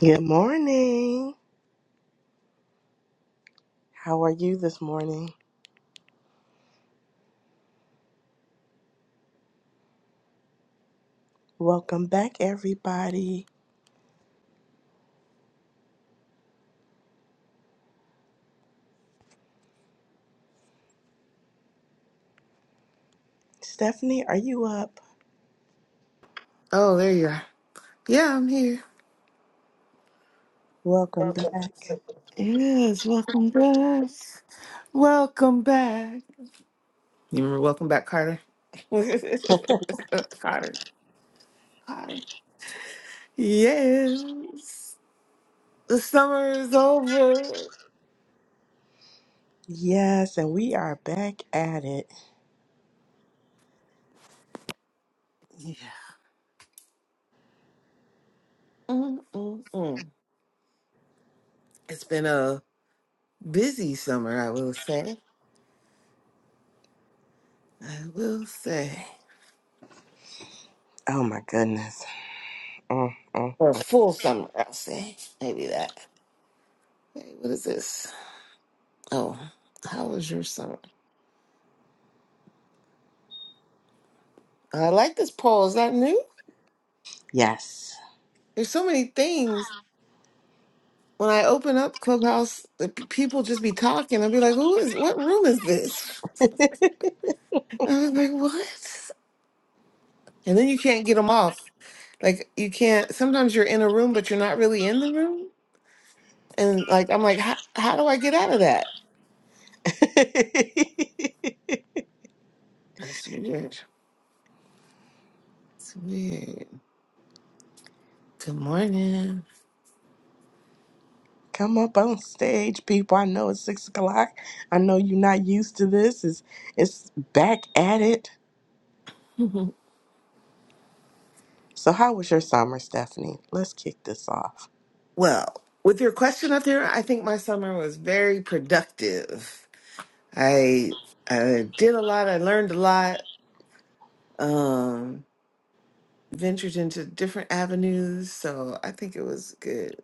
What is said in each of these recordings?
Good morning. How are you this morning? Welcome back, everybody. Stephanie, are you up? Oh, there you are. Yeah, I'm here. Welcome back. Yes, welcome back. Welcome back. You remember Welcome Back, Carter? Carter. Carter. Yes. The summer is over. Yes, and we are back at it. Yeah. Mm, mm, mm. It's been a busy summer, I will say. I will say. Oh my goodness. Mm, mm. Or a full summer, I'll say. Maybe that. Hey, what is this? Oh, how was your summer? I like this poll. Is that new? Yes. There's so many things. When I open up Clubhouse, the p- people just be talking. I'll be like, "Who is? What room is this?" I was like, "What?" And then you can't get them off. Like you can't. Sometimes you're in a room, but you're not really in the room. And like I'm like, how, how do I get out of that? That's weird. That's weird. Good morning. Come up on stage, people. I know it's six o'clock. I know you're not used to this. It's, it's back at it. So, how was your summer, Stephanie? Let's kick this off. Well, with your question up there, I think my summer was very productive. I I did a lot. I learned a lot. Um, ventured into different avenues. So I think it was good.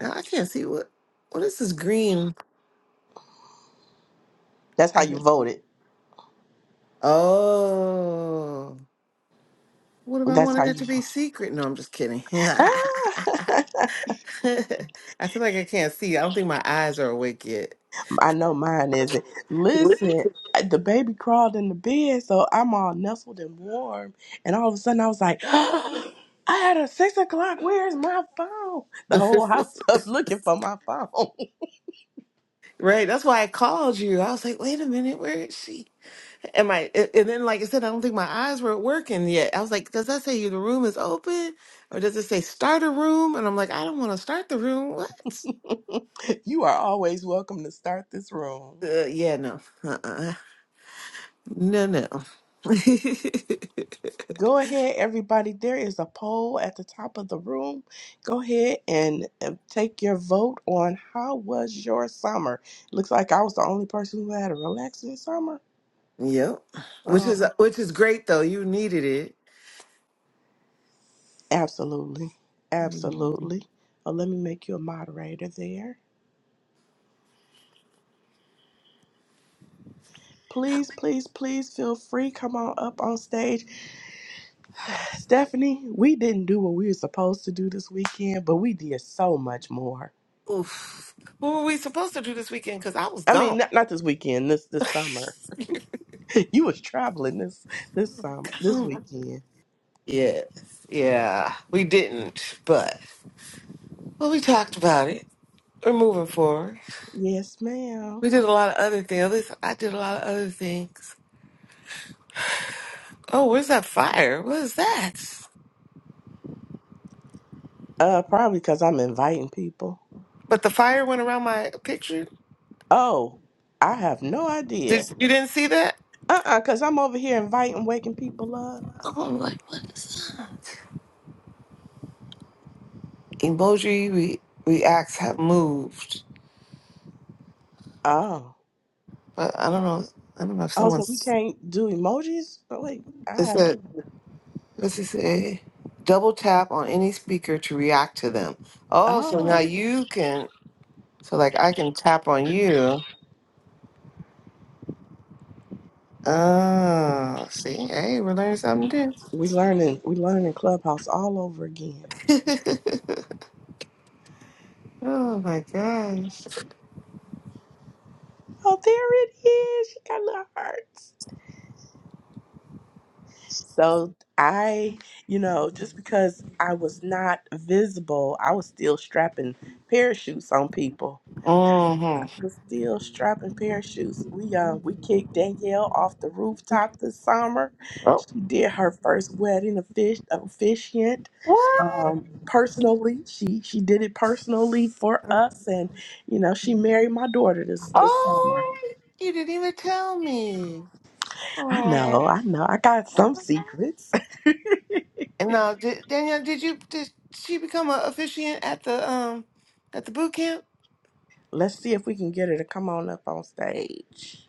Now I can't see what what is this green? That's I how you think- voted. Oh, what if I That's how wanted it you to vote. be secret? No, I'm just kidding. I Ah, feel like I can't see. I don't think my eyes are awake yet. I know mine isn't. Listen, the baby crawled in the bed, so I'm all nestled and warm. And all of a sudden, I was like, I had a six o'clock. Where's my phone? The whole house up looking for my phone. right, that's why I called you. I was like, wait a minute, where is she? And my a- and then like I said, I don't think my eyes were working yet. I was like, does that say the room is open, or does it say start a room? And I'm like, I don't want to start the room. What? you are always welcome to start this room. Uh, yeah, no, uh-uh. no, no. Go ahead, everybody. There is a poll at the top of the room. Go ahead and uh, take your vote on how was your summer. Looks like I was the only person who had a relaxing summer. yep. Which is Oh, which is great though. You needed it. absolutely. Mhm. Absolutely. Oh, let me make you a moderator there. Please, please, please feel free. Come on up on stage. Stephanie, we didn't do what we were supposed to do this weekend, but we did so much more. Oof. What were we supposed to do this weekend? Because I was I mean, gone. not, not this weekend, this this summer. you was traveling this this summer, this weekend. yes. Yeah. We didn't, but well, we talked about it. We're moving forward. Yes, ma'am. We did a lot of other things. At least I did a lot of other things. Oh, where's that fire? What is that? Uh, probably because I'm inviting people. But the fire went around my picture. Oh, I have no Did idea. you didn't see that? Uh-uh, because I'm over here inviting, waking people up. Oh, I'm like, what is that? Emoji re- reacts have moved, Oh. but I don't know. I don't know if Oh, so we someone's. can't do emojis? Oh, wait, I It haven't. said, what's it say? Double tap on any speaker to react to them. Oh, so now Oh, you can. So like I can tap on you. Oh, see, hey, we're learning something we learning. We learning Clubhouse all over again. new. Oh my gosh. Oh, there it is. She got little hearts. So I, you know, just because I was not visible, I was still strapping parachutes on people. Uh-huh. I was still strapping parachutes. We uh we kicked Danielle off the rooftop this summer. Oh. She did her first wedding offic- officiant What? um, personally. She she did it personally for us, and you know she married my daughter this this summer. Oh, you didn't even tell me. I Oh. know, I know. I got some secrets. And now, did, Danielle, did you did she become an officiant at the um at the boot camp? Let's see if we can get her to come on up on stage.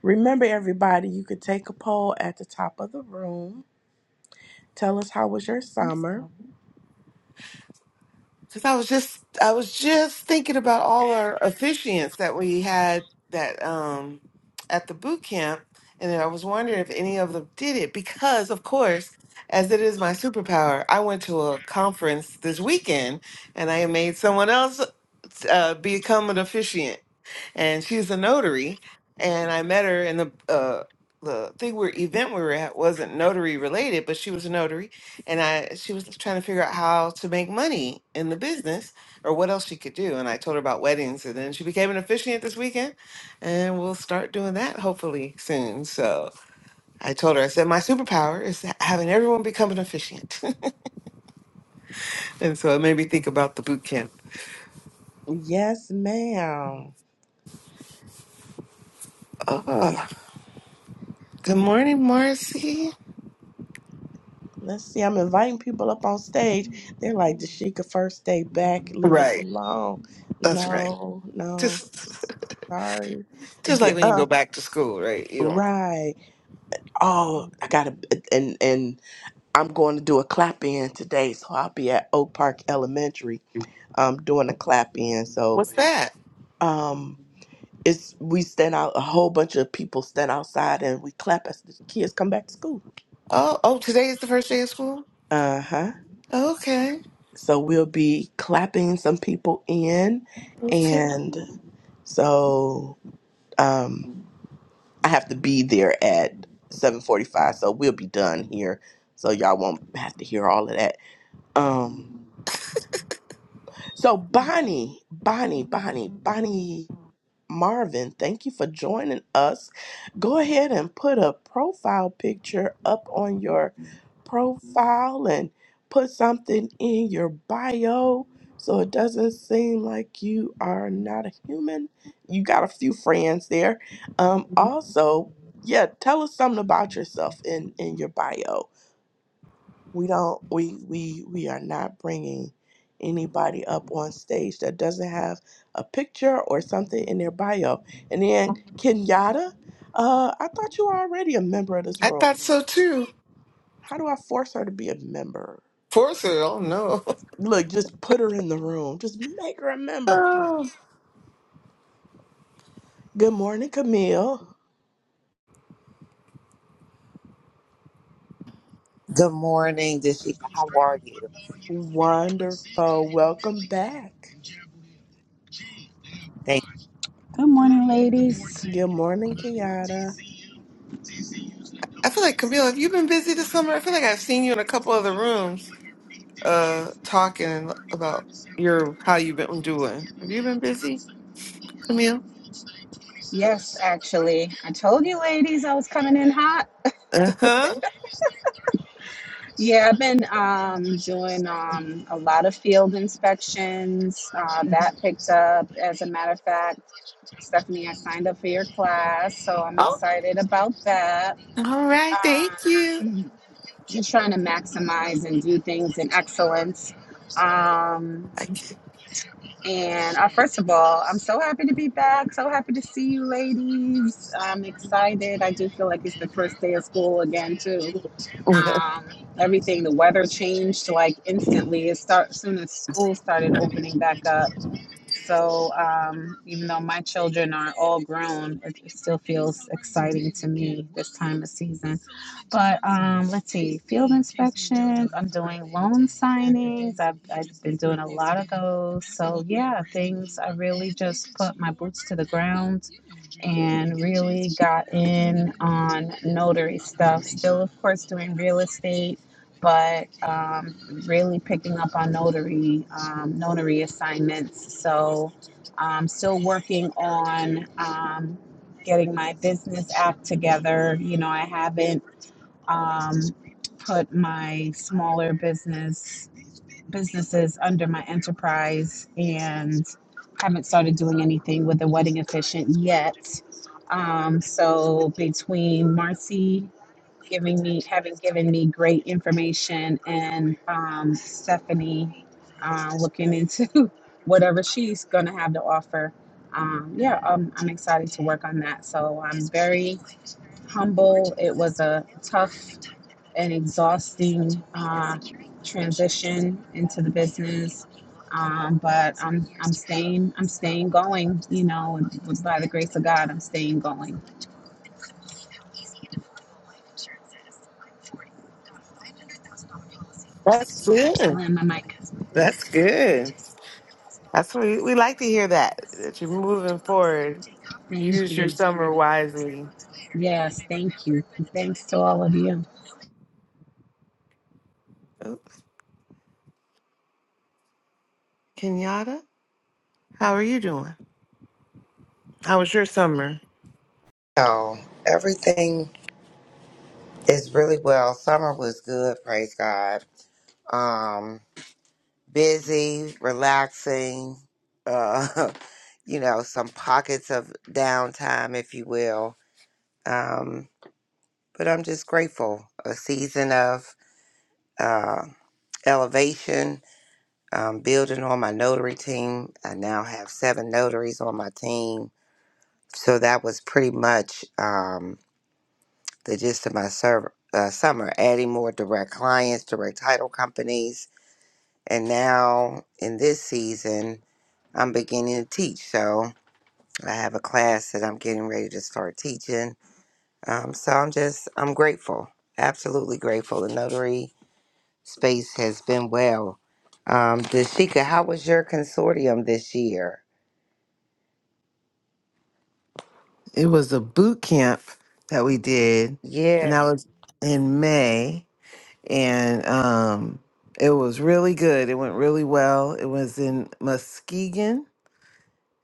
Remember, everybody, you could take a poll at the top of the room. Tell us how was your summer. Because I was just I was just thinking about all our officiants that we had that um at the boot camp, and then I was wondering if any of them did it because, of course, as it is my superpower, I went to a conference this weekend and I made someone else uh, become an officiant and she's a notary. And I met her, and the uh, the thing we event we were at wasn't notary related, but she was a notary, and I she was trying to figure out how to make money in the business or what else she could do. And I told her about weddings, and then she became an officiant this weekend, and we'll start doing that hopefully soon. So I told her, I said my superpower is ha- having everyone become an officiant, and so it made me think about the boot camp. Yes, ma'am. Oh, good morning, Marcy. Let's see. I'm inviting people up on stage. They're like, Dashika, first day back. Leave us Right, alone. that's right. No, no. Just Sorry. Just like when you go Um, back to school, right? You don't. right. Oh, I gotta and and I'm going to do a clap in today, so I'll be at Oak Park Elementary um doing a clap in. So What's that? um it's we stand out a whole bunch of people stand outside and we clap as the kids come back to school. Oh, oh, today is the first day of school. Uh-huh. Okay, So we'll be clapping some people in okay. and so um I have to be there at 7:45, so we'll be done here. So y'all won't have to hear all of that Um, so Bonnie, Bonnie, Bonnie, Bonnie Marvin, thank you for joining us. Go ahead and put a profile picture up on your profile and put something in your bio so it doesn't seem like you are not a human. You got a few friends there. Um, also, yeah, tell us something about yourself in in your bio we don't we we we are not bringing anybody up on stage that doesn't have a picture or something in their bio and then kenyatta uh i thought you were already a member of this I room thought so too. how do i force her to be a member Force it. Oh no. look just put her in the room just make her a member Oh, good morning camille Good morning, Deshika. How are you? wonderful welcome back Thank Good morning, ladies. good morning kenyatta I feel like Camille. Have you been busy this summer? I feel like I've seen you in a couple other rooms, uh, talking about your how you've been doing. Have you been busy, Camille? Yes, actually, I told you, ladies, I was coming in hot. Uh huh. Yeah, I've been um, doing um, a lot of field inspections. Uh, that picked up. As a matter of fact, Stephanie, I signed up for your class, so I'm Oh, excited about that. all right. Thank you. Um, just trying to maximize and do things in excellence. Um, I can And uh, first of all, I'm so happy to be back. So happy to see you, ladies. I'm excited. I do feel like it's the first day of school again, too. Um, everything, the weather changed like instantly. It start soon as school started opening back up. So um, even though my children are all grown, it still feels exciting to me this time of season. But um, let's see, field inspections. I'm doing loan signings. I've, I've been doing a lot of those. So yeah, things I really just put my boots to the ground and really got in on notary stuff. Still, of course, doing real estate, but um, really picking up on notary um, notary assignments. So, i um, still working on um, getting my business app together. You know, I haven't um, put my smaller business businesses under my enterprise and haven't started doing anything with the wedding efficient yet. Um, so between Marcy giving me having given me great information and um, Stephanie uh, looking into whatever she's gonna have to offer. Um, yeah, um, I'm excited to work on that. So I'm very humble. It was a tough an exhausting uh, transition into the business. Um, but I'm I'm staying I'm staying going. You know, by the grace of God, I'm staying going. That's I good. land my mic. That's good. That's what we, we like to hear. That that you're moving forward Thank Use your you. summer wisely. Yes, thank you. And thanks to all of you. Oh, Kenyatta, how are you doing? How was your summer? you. Everything is really well. Summer was good, praise God. Um, busy, relaxing, uh, you know, some pockets of downtime, if you will. Um, but I'm just grateful. A season of uh, elevation, um, building on my notary team. I now have seven notaries on my team. So that was pretty much. Um, the gist of my serv- uh, summer, adding more direct clients, direct title companies. And now in this season, I'm beginning to teach. So I have a class that I'm getting ready to start teaching. Um, so I'm just, I'm grateful, absolutely grateful. The notary space has been well. Um, Dashika, how was your consortium this year? It was a boot camp that we did, and Yeah. that was in May, and um, it was really good. It went really well. It was in Muskegon,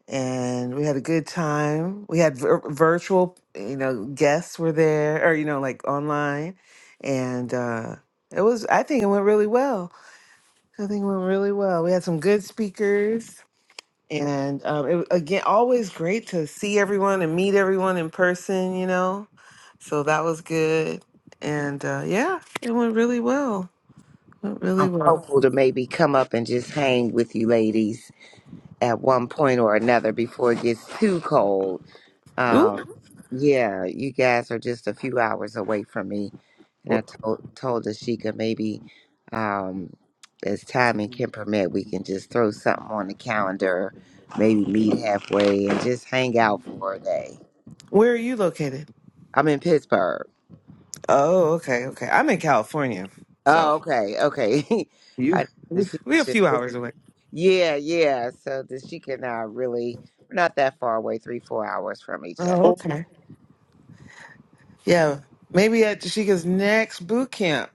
and we had a good time. We had vir- virtual, you know, guests were there, or you know, like online, and uh, it was. I think it went really well. I think it went really well. We had some good speakers And um, it, again, always great to see everyone and meet everyone in person, you know. So that was good. And uh, yeah, it went really well. Went really I'm well. hopeful to maybe come up and just hang with you ladies at one point or another before it gets too cold Ooh, Um, yeah, you guys are just a few hours away from me, and wh- I told told Ashika maybe um, as time and can permit, we can just throw something on the calendar, maybe meet halfway and just hang out for a day. where are you located? I'm in Pittsburgh. Oh, okay, okay. I'm in California, so Oh, okay, okay. you I we, Dashika, we're a few hours away. yeah, yeah. So Dashika and I are really we're not that far away, three four hours from each other. Oh, okay. Yeah, maybe at Jashika's next boot camp.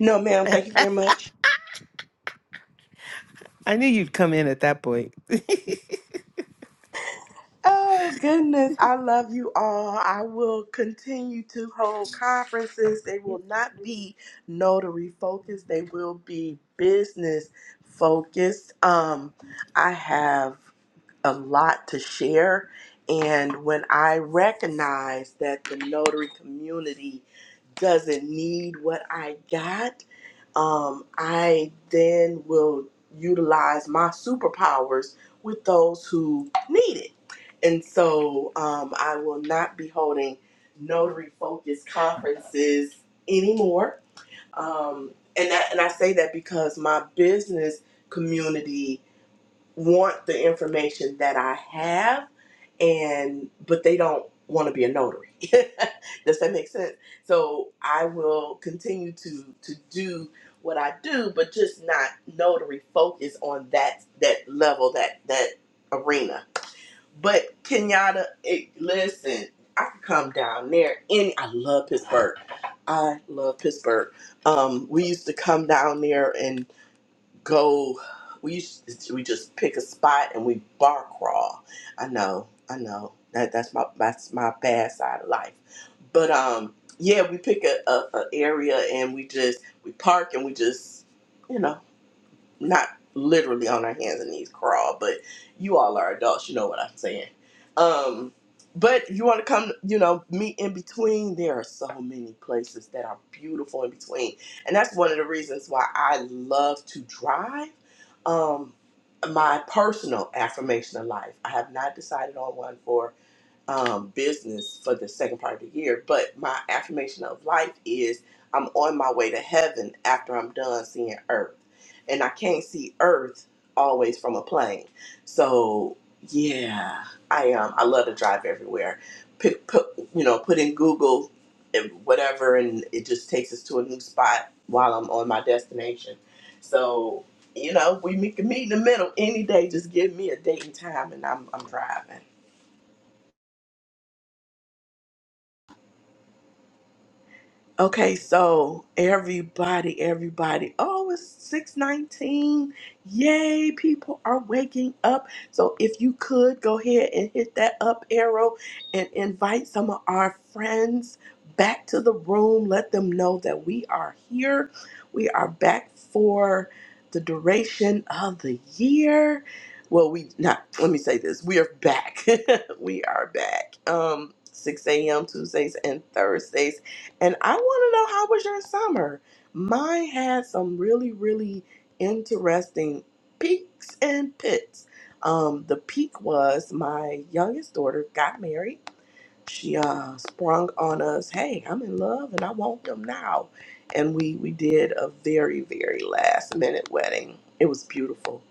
no ma'am thank you very much I knew you'd come in at that point. Oh, goodness. I love you all. I will continue to hold conferences. They will not be notary focused, they will be business focused. Um, I have a lot to share. And when I recognize that the notary community doesn't need what I got, um, I then will utilize my superpowers with those who need it. And so um, I will not be holding notary focused conferences anymore. Um, and, that, and I say that because my business community want the information that I have and but they don't want to be a notary. Does that make sense? So I will continue to to do what I do, but just not notary focus on that that level, that that arena. But Kenyatta, it, listen, I could come down there. Any, I love Pittsburgh. I love Pittsburgh. Um, we used to come down there go we used to- we just pick a spot and we bar crawl i know i know that that's my that's my bad side of life but um yeah we pick a, a, a area and we just we park and we just you know not literally on our hands and knees crawl, but you all are adults, you know what I'm saying. Um, but you want to come, you know, meet in between. There are so many places that are beautiful in between, and that's one of the reasons why I love to drive. Um, my personal affirmation of life. I have not decided on one for um, business for the second part of the year. But my affirmation of life is I'm on my way to heaven after I'm done seeing earth. And I can't see earth always from a plane. So, yeah, I um, I love to drive everywhere. Put, put, you know, put in Google and whatever, and it just takes us to a new spot while I'm on my destination. So, you know, we meet, meet in the middle any day. Just give me a date and time, and I'm, I'm driving. Okay, so everybody, everybody, oh, it's 619. Yay, people are waking up. So if you could go ahead and hit that up arrow and invite some of our friends back to the room. Let them know that we are here. We are back for the duration of the year. Well, we not let me say this. We are back. we are back. Um 6 a.m. Tuesdays and Thursdays and I want to know how was your summer? Mine had some really, really interesting peaks and pits. Um, the peak was my youngest daughter got married. She uh, sprung on us, hey, I'm in love and I want them now. And we, we did a very, very last minute wedding. It was beautiful.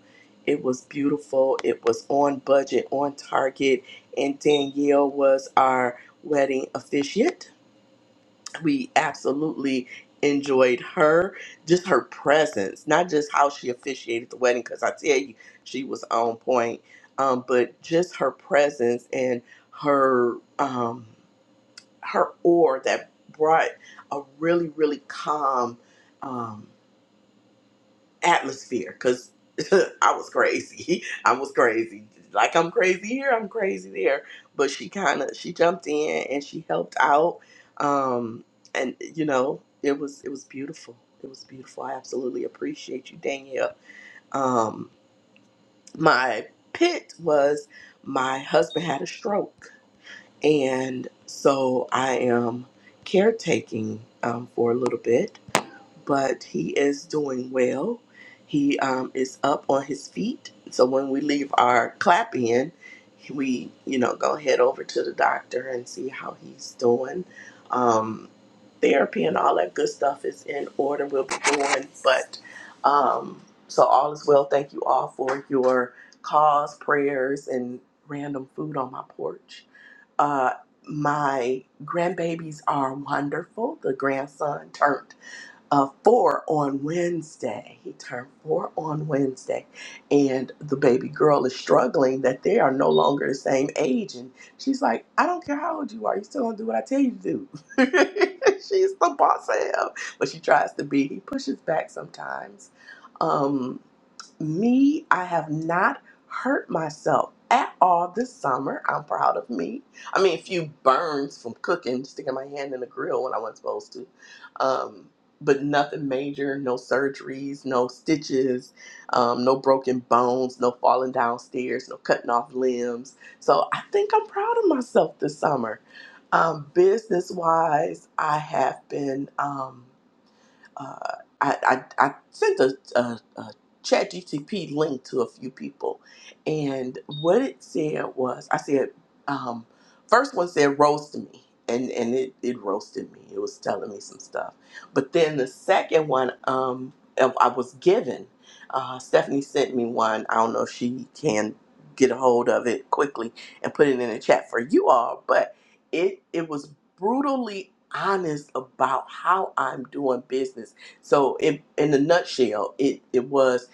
It was beautiful. It was on budget, on target. And Danielle was our wedding officiant we absolutely enjoyed her just her presence not just how she officiated the wedding because i tell you she was on point um, but just her presence and her um, her aura that brought a really really calm Um, atmosphere because I was crazy. I was crazy. Like I'm crazy here, I'm crazy there. But she kind of she jumped in and she helped out. Um, and you know it was it was beautiful. It was beautiful. I absolutely appreciate you, Danielle. Um, my pit was my husband had a stroke, and so I am caretaking um, for a little bit but he is doing well. He um, is up on his feet. So when we leave our clap in, we you know go head over to the doctor and see how he's doing. Um, therapy and all that good stuff is in order. We'll be doing, but um, so all is well. Thank you all for your calls, prayers, and random food on my porch. Uh, my grandbabies are wonderful. The grandson turned uh, four on Wednesday. He turned four on Wednesday, and the baby girl is struggling that they are no longer the same age. And she's like, I don't care how old you are, you still gonna do what I tell you to do. she's the boss of him, but she tries to be. He pushes back sometimes. Um, just me. I have not hurt myself at all this summer. I'm proud of me. I mean, a few burns from cooking, sticking my hand in the grill when I wasn't supposed to. Um, but nothing major, no surgeries, no stitches, um, no broken bones, no falling downstairs, no cutting off limbs. So I think I'm proud of myself this summer. Um, business wise, I have been. Um, uh, I, I, I sent a, a, a chat GTP link to a few people, and what it said was I said, um, first one said roast me. And, and it, it roasted me. It was telling me some stuff. But then the second one um, I I was given, uh, Stephanie sent me one. I don't know if she can get a hold of it quickly and put it in the chat for you all. But it it was brutally honest about how I'm doing business. So it, in a nutshell, it, it was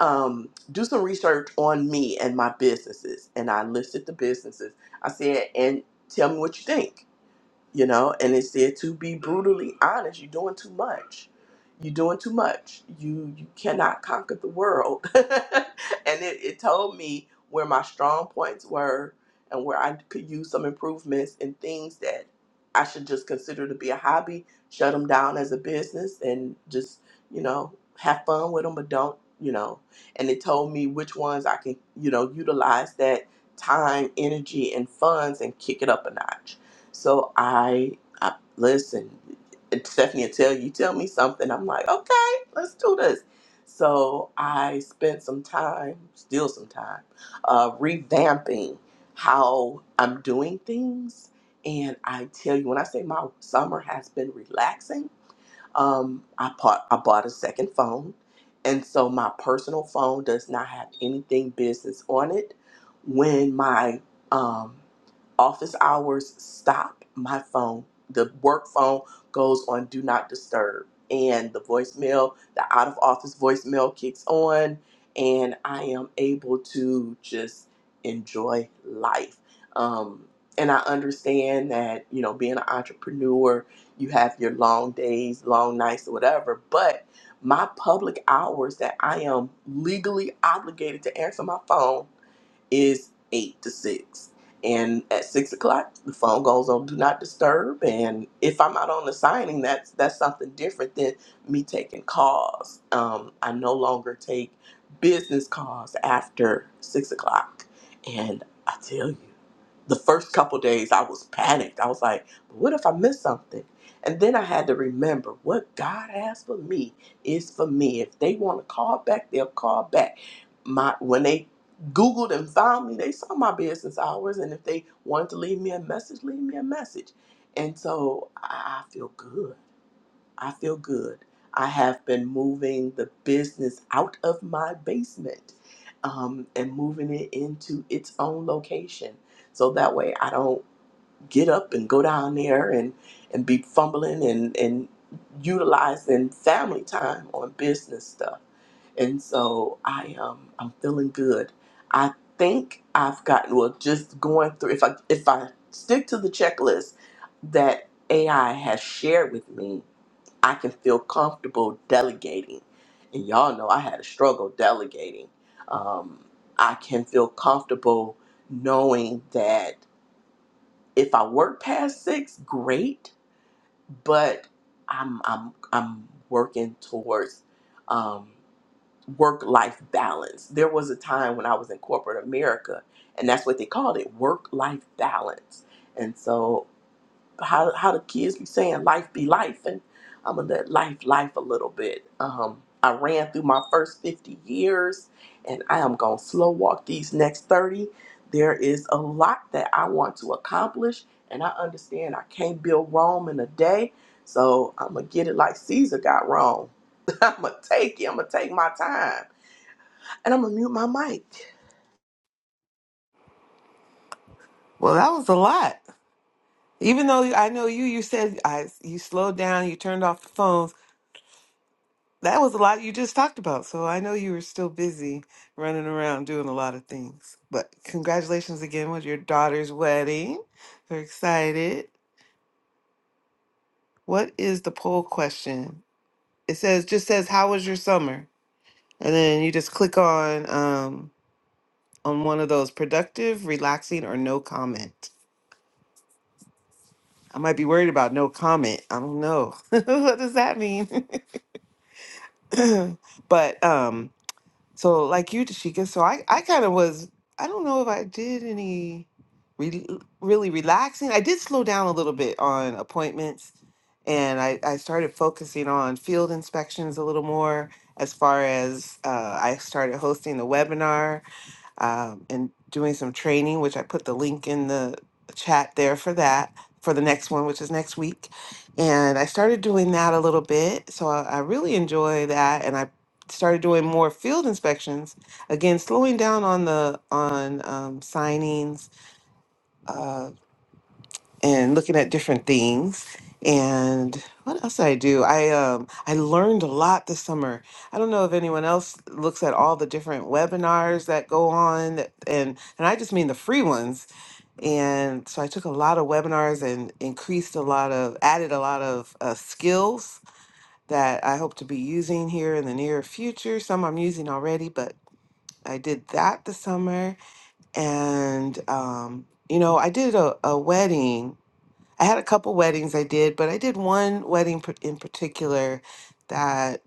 um, do some research on me and my businesses. And I listed the businesses. I said, and tell me what you think you know and it said to be brutally honest you're doing too much you're doing too much you you cannot conquer the world and it, it told me where my strong points were and where i could use some improvements and things that i should just consider to be a hobby shut them down as a business and just you know have fun with them but don't you know and it told me which ones i can you know utilize that time energy and funds and kick it up a notch so I, I listen, Stephanie will tell you, tell me something. I'm like, okay, let's do this. So I spent some time, still some time, uh, revamping how I'm doing things. And I tell you, when I say my summer has been relaxing, um, I bought I bought a second phone, and so my personal phone does not have anything business on it. When my um, office hours stop, my phone, the work phone, goes on do not disturb, and the voicemail, the out of office voicemail, kicks on, and I am able to just enjoy life. Um, and I understand that you know being an entrepreneur you have your long days, long nights, or whatever. But my public hours that I am legally obligated to answer my phone is eight to six. And at six o'clock, the phone goes on do not disturb. And if I'm out on the signing, that's that's something different than me taking calls. Um, I no longer take business calls after six o'clock. And I tell you the first couple days I was panicked. I was like, what if I miss something? And then I had to remember what God has for me is for me. If they want to call back, they'll call back. My when they Googled and found me, they saw my business hours. And if they wanted to leave me a message, leave me a message. And so I I feel good. I feel good. I have been moving the business out of my basement um, and moving it into its own location. So that way I don't get up and go down there and, and be fumbling and, and utilizing family time on business stuff. And so I um, I'm feeling good. I think I've gotten well just going through if I if I stick to the checklist that AI has shared with me, I can feel comfortable delegating. And y'all know I had a struggle delegating. Um, I can feel comfortable knowing that if I work past six, great, but I'm I'm I'm working towards um, work life balance. There was a time when I was in corporate America, and that's what they called it, work life balance. And so how how the kids be saying life be life and I'm gonna let life life a little bit. Um, I ran through my first 50 years and I am gonna slow walk these next 30. There is a lot that I want to accomplish and I understand I can't build Rome in a day. So I'm gonna get it like Caesar got Rome. I'm gonna take it. I'm gonna take my time and I'm gonna mute my mic. Well, that was a lot. Even though I know you, you said I, you slowed down, you turned off the phones. That was a lot you just talked about. So I know you were still busy running around doing a lot of things. But congratulations again with your daughter's wedding. We're excited. What is the poll question? It says just says how was your summer? And then you just click on um on one of those productive, relaxing or no comment. I might be worried about no comment. I don't know. what does that mean? but um So like you, Tashika, so I, I kind of was, I don't know if I did any re- really relaxing. I did slow down a little bit on appointments and I, I started focusing on field inspections a little more as far as uh, I started hosting the webinar um, and doing some training, which I put the link in the chat there for that for the next one, which is next week. And I started doing that a little bit. So I, I really enjoy that. And I started doing more field inspections again, slowing down on the on um, signings, uh, and looking at different things. And what else did I do? I um I learned a lot this summer. I don't know if anyone else looks at all the different webinars that go on that- and and I just mean the free ones. And so I took a lot of webinars and increased a lot of added a lot of uh, skills that I hope to be using here in the near future. Some I'm using already, but I did that this summer and um you know, I did a, a wedding I had a couple weddings I did, but I did one wedding par- in particular that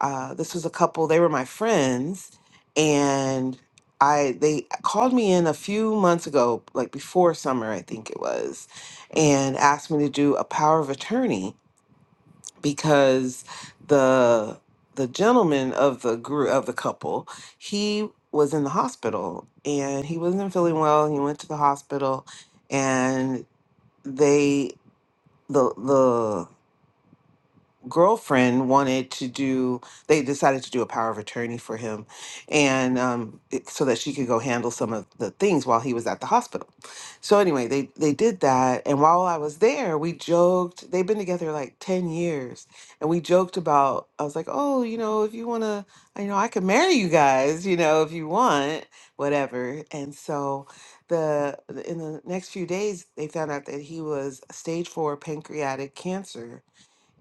uh, this was a couple. They were my friends, and I they called me in a few months ago, like before summer, I think it was, and asked me to do a power of attorney because the the gentleman of the group of the couple he was in the hospital and he wasn't feeling well. He went to the hospital, and they the the girlfriend wanted to do they decided to do a power of attorney for him and um, it- so that she could go handle some of the things while he was at the hospital so anyway they they did that and while i was there we joked they've been together like 10 years and we joked about i was like oh you know if you want to you know i could marry you guys you know if you want whatever and so the in the next few days they found out that he was stage four pancreatic cancer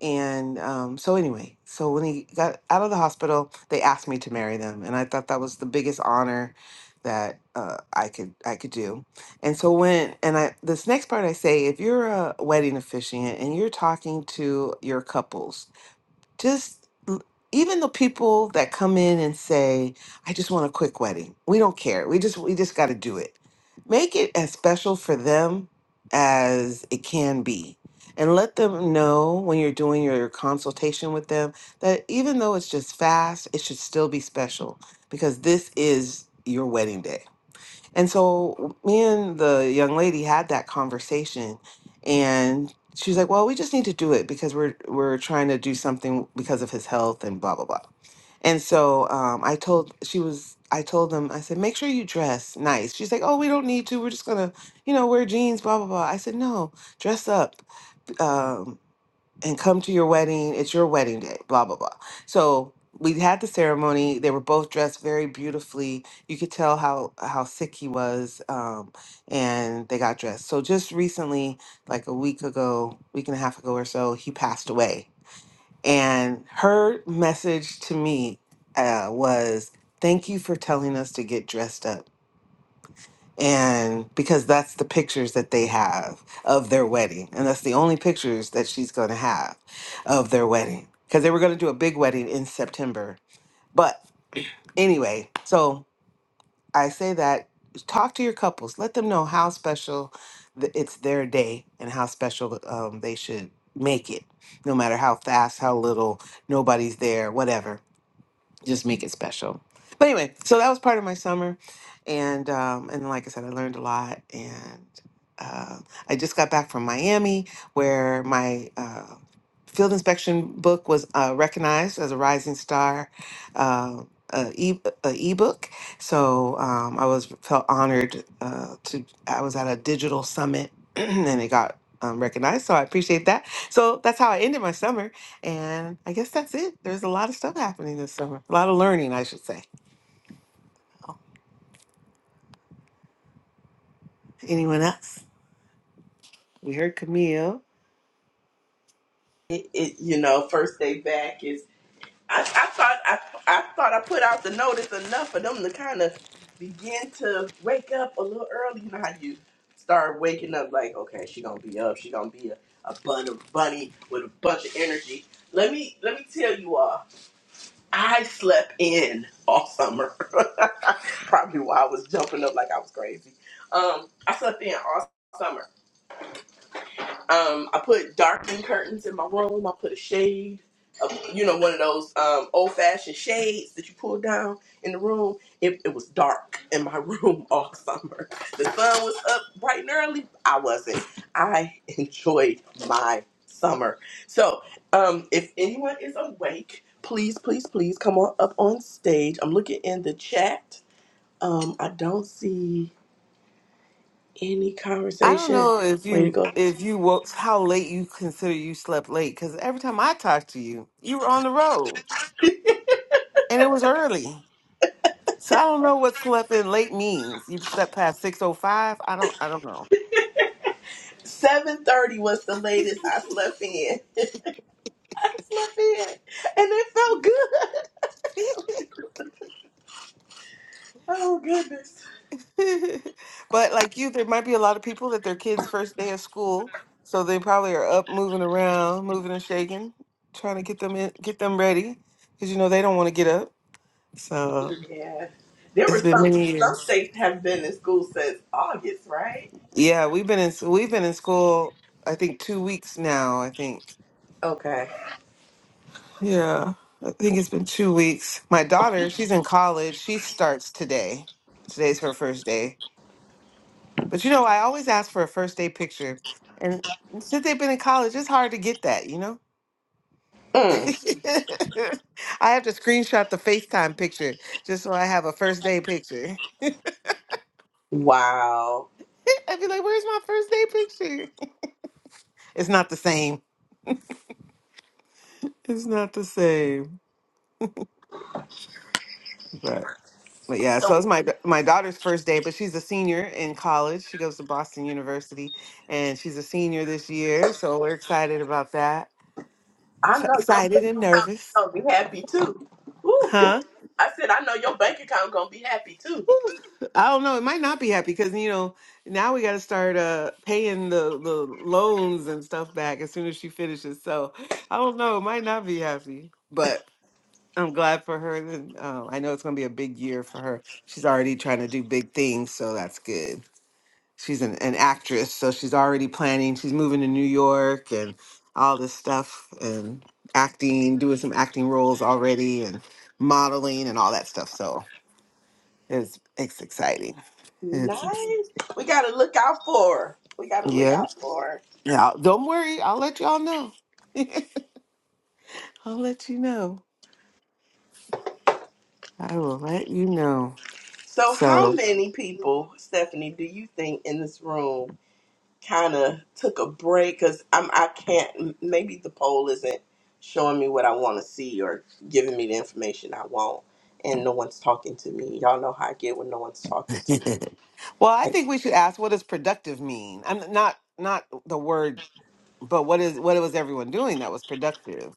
and um, so, anyway, so when he got out of the hospital, they asked me to marry them, and I thought that was the biggest honor that uh, I could I could do. And so when and I this next part I say, if you're a wedding officiant and you're talking to your couples just l- even the people that come in and say i just want a quick wedding we don't care we just we just got to do it make it as special for them as it can be and let them know when you're doing your consultation with them that even though it's just fast it should still be special because this is your wedding day and so me and the young lady had that conversation and she's like, "Well, we just need to do it because we're we're trying to do something because of his health and blah blah blah." And so um, I told she was I told them I said, "Make sure you dress nice." She's like, "Oh, we don't need to. We're just gonna, you know, wear jeans, blah blah blah." I said, "No, dress up. um, and come to your wedding. It's your wedding day, blah, blah, blah. So we had the ceremony. They were both dressed very beautifully. You could tell how, how sick he was, um, and they got dressed. So just recently, like a week ago, week and a half ago or so, he passed away. And her message to me uh, was, Thank you for telling us to get dressed up and because that's the pictures that they have of their wedding and that's the only pictures that she's going to have of their wedding because they were going to do a big wedding in september but anyway so i say that talk to your couples let them know how special th- it's their day and how special um, they should make it no matter how fast how little nobody's there whatever just make it special. But anyway, so that was part of my summer, and um, and like I said, I learned a lot, and uh, I just got back from Miami where my uh, field inspection book was uh, recognized as a Rising Star. Uh, uh, e uh, ebook, so um, I was felt honored uh, to. I was at a digital summit, and it got um, recognized. So I appreciate that. So that's how I ended my summer and I guess that's it. There's a lot of stuff happening this summer. A lot of learning, I should say. Anyone else? We heard Camille. It, it you know first day back is. I, I thought I, I thought I put out the notice enough for them to kind of begin to wake up a little early. You know how you start waking up like, okay, she gonna be up. She gonna be a, a bun of bunny with a bunch of energy. Let me let me tell you all, I slept in all summer. Probably why I was jumping up like I was crazy. Um, I slept in all summer. Um, I put darkened curtains in my room. I put a shade, uh, you know, one of those um, old fashioned shades that you pull down in the room. It, it was dark in my room all summer. The sun was up bright and early. I wasn't. I enjoyed my summer. So, um, if anyone is awake, please, please, please come on up on stage. I'm looking in the chat. Um, I don't see any I don't conversation. know if Way to you go. if you woke how late you consider you slept late because every time I talked to you, you were on the road and it was early. So I don't know what slept in late means. You slept past six oh five. I don't. I don't know. Seven thirty was the latest I slept in. I slept in, and it felt good. Oh goodness. But like you, there might be a lot of people that their kids' first day of school, so they probably are up, moving around, moving and shaking, trying to get them in, get them ready, because you know they don't want to get up. So Yeah, there were it's been some. many Some years. states have been in school since August, right? Yeah, we've been in we've been in school. I think two weeks now. I think. Okay. Yeah, I think it's been two weeks. My daughter, she's in college. She starts today. Today's her first day. But you know, I always ask for a first day picture. And since they've been in college, it's hard to get that, you know? Mm. I have to screenshot the FaceTime picture just so I have a first day picture. Wow. I'd be like, where's my first day picture? It's not the same. It's not the same. But but yeah, so it's my da- my daughter's first day, but she's a senior in college. She goes to Boston University and she's a senior this year, so we're excited about that. I know your Excited bank and account is nervous. gonna be happy too. Ooh, good. Huh? I said I know your bank account gonna be happy too. I don't know. It might not be happy because you know now we got to start uh paying the the loans and stuff back as soon as she finishes. So I don't know. It might not be happy, but I'm glad for her. And um, I know it's going to be a big year for her. She's already trying to do big things, so that's good. She's an, an actress, so she's already planning. She's moving to New York and all this stuff and acting, doing some acting roles already, and modeling and all that stuff. So it's it's exciting. Nice. We gotta look out for her. We gotta look Yeah. out for her. Yeah. Don't worry. I'll let y'all know. I'll let you know. I will let you know. So, how So, many people, Stephanie, do you think in this room? kind of took a break because I'm I can't maybe the poll isn't showing me what I want to see or giving me the information I want, and no one's talking to me. Y'all know how I get when no one's talking to me. well, I think we should ask what does productive mean? I'm not not the word, but what is what was everyone doing that was productive?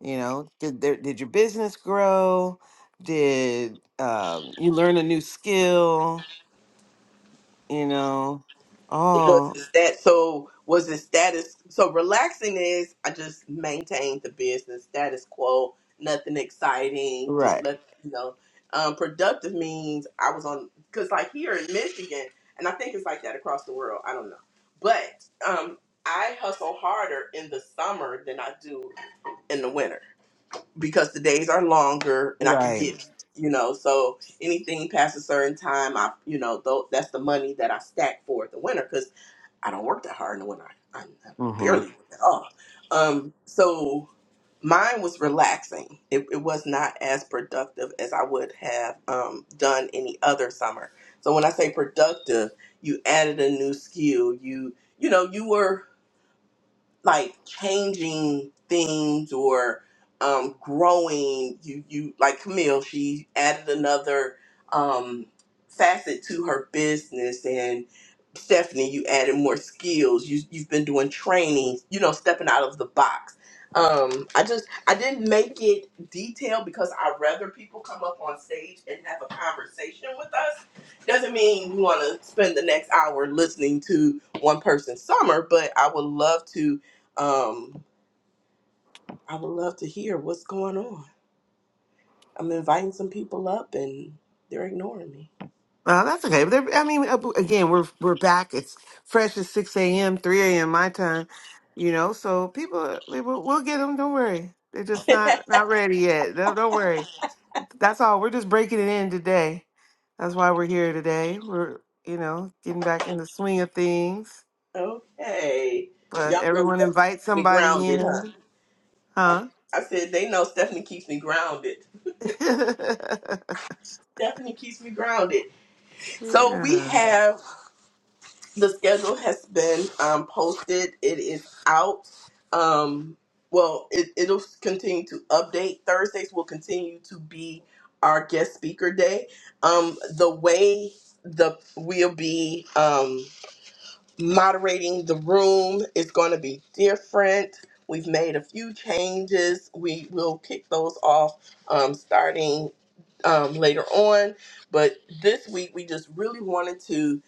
You know, did there, did your business grow? Did um, you learn a new skill? You know, was oh, his that so was his status so relaxing is I just maintained the business status quo, nothing exciting, just right, let you know. Um, productive means I was on because like here in Michigan, and I think it's like that across the world. I don't know, but um, I hustle harder in the summer than I do in the winter because the days are longer and I could right. get you know so anything past a certain time i you know though that's the money that i stack for the winter because. I don't work that hard, and when I, I, I Mm-hmm. barely work at all. Um, so mine was relaxing. It, it was not as productive as I would have um, done any other summer. So when I say productive, you added a new skill. You you know you were like changing things or um, growing. You you like Camille. She added another um, facet to her business and Stephanie, you added more skills. You you've been doing trainings. You know, stepping out of the box. Um, I just I didn't make it detailed because I would rather people come up on stage and have a conversation with us. Doesn't mean we want to spend the next hour listening to one person's summer, but I would love to. Um, I would love to hear what's going on. I'm inviting some people up and they're ignoring me. Well, that's okay. But there- I mean, ab- again, we're we're back. It's fresh at six a.m., three a.m. my time. You know, so people, we, will we'll get them. Don't worry, they're just not not ready yet. Don't, don't worry. That's all. We're just breaking it in today. That's why we're here today. We're you know getting back in the swing of things. okay, But y'all know everyone Stephanie invite keeps me somebody grounded, huh? in, huh? I said, they know Stephanie keeps me grounded. yeah, Stephanie keeps me grounded. So we yeah. have the schedule has been um, posted. It is out. Um, well, it, it'll continue to update. Thursdays will continue to be our guest speaker day. Um, the way the we'll be um, moderating the room is going to be different. We've made a few changes. We will kick those off um, starting um, later on. But this week, we just really wanted to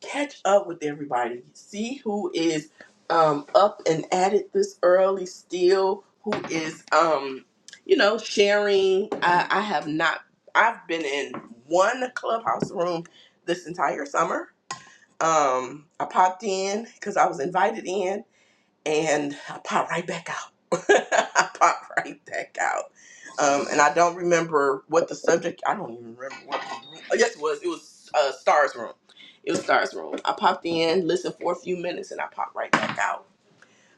catch up with everybody, see who is um, up and at it this early still, who is, um, you know, sharing. I, I have not, I've been in one clubhouse room this entire summer. Um, I popped in because I was invited in and I popped right back out. I popped right back out. Um, and I don't remember what the subject. I don't even remember what. The room, oh, yes, it was. It was uh, Stars Room. It was Stars Room. I popped in, listened for a few minutes, and I popped right back out.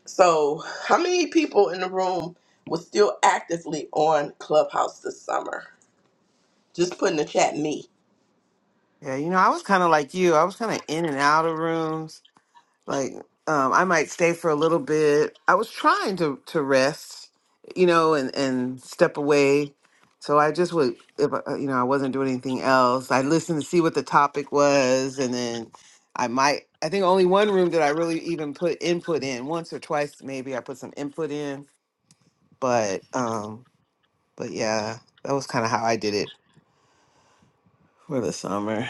So, how many people in the room was still actively on Clubhouse this summer? Just put in the chat, me. You know, I was kind of like you. I was kind of in and out of rooms like um i might stay for a little bit i was trying to to rest you know and and step away so i just would if I, you know i wasn't doing anything else i listened to see what the topic was and then i might i think only one room did i really even put input in once or twice maybe i put some input in but um but yeah that was kind of how i did it for the summer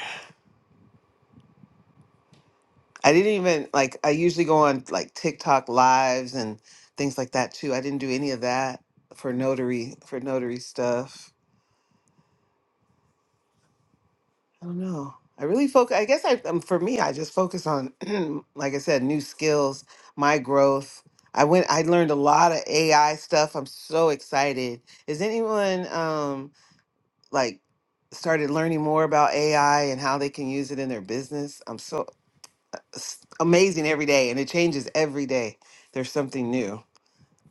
I didn't even like I usually go on like TikTok lives and things like that too. I didn't do any of that for notary for notary stuff. I don't know. I really focus I guess I um, for me I just focus on like I said new skills, my growth. I went I learned a lot of AI stuff. I'm so excited. Is anyone um like started learning more about AI and how they can use it in their business? I'm so it's amazing every day and it changes every day. There's something new.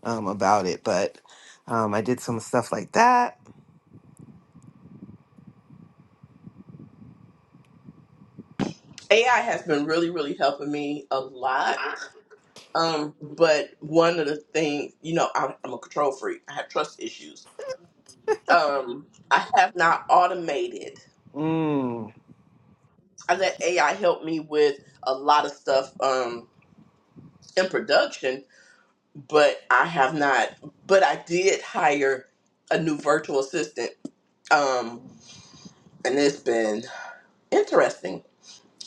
um, about it, but um, I did some stuff like that. AI has been really, really helping me a lot. Um, but one of the things, you know, I'm, I'm a control freak. I have trust issues. um I have not automated. Mm. I let AI help me with a lot of stuff um in production, but I have not but I did hire a new virtual assistant. Um and it's been interesting.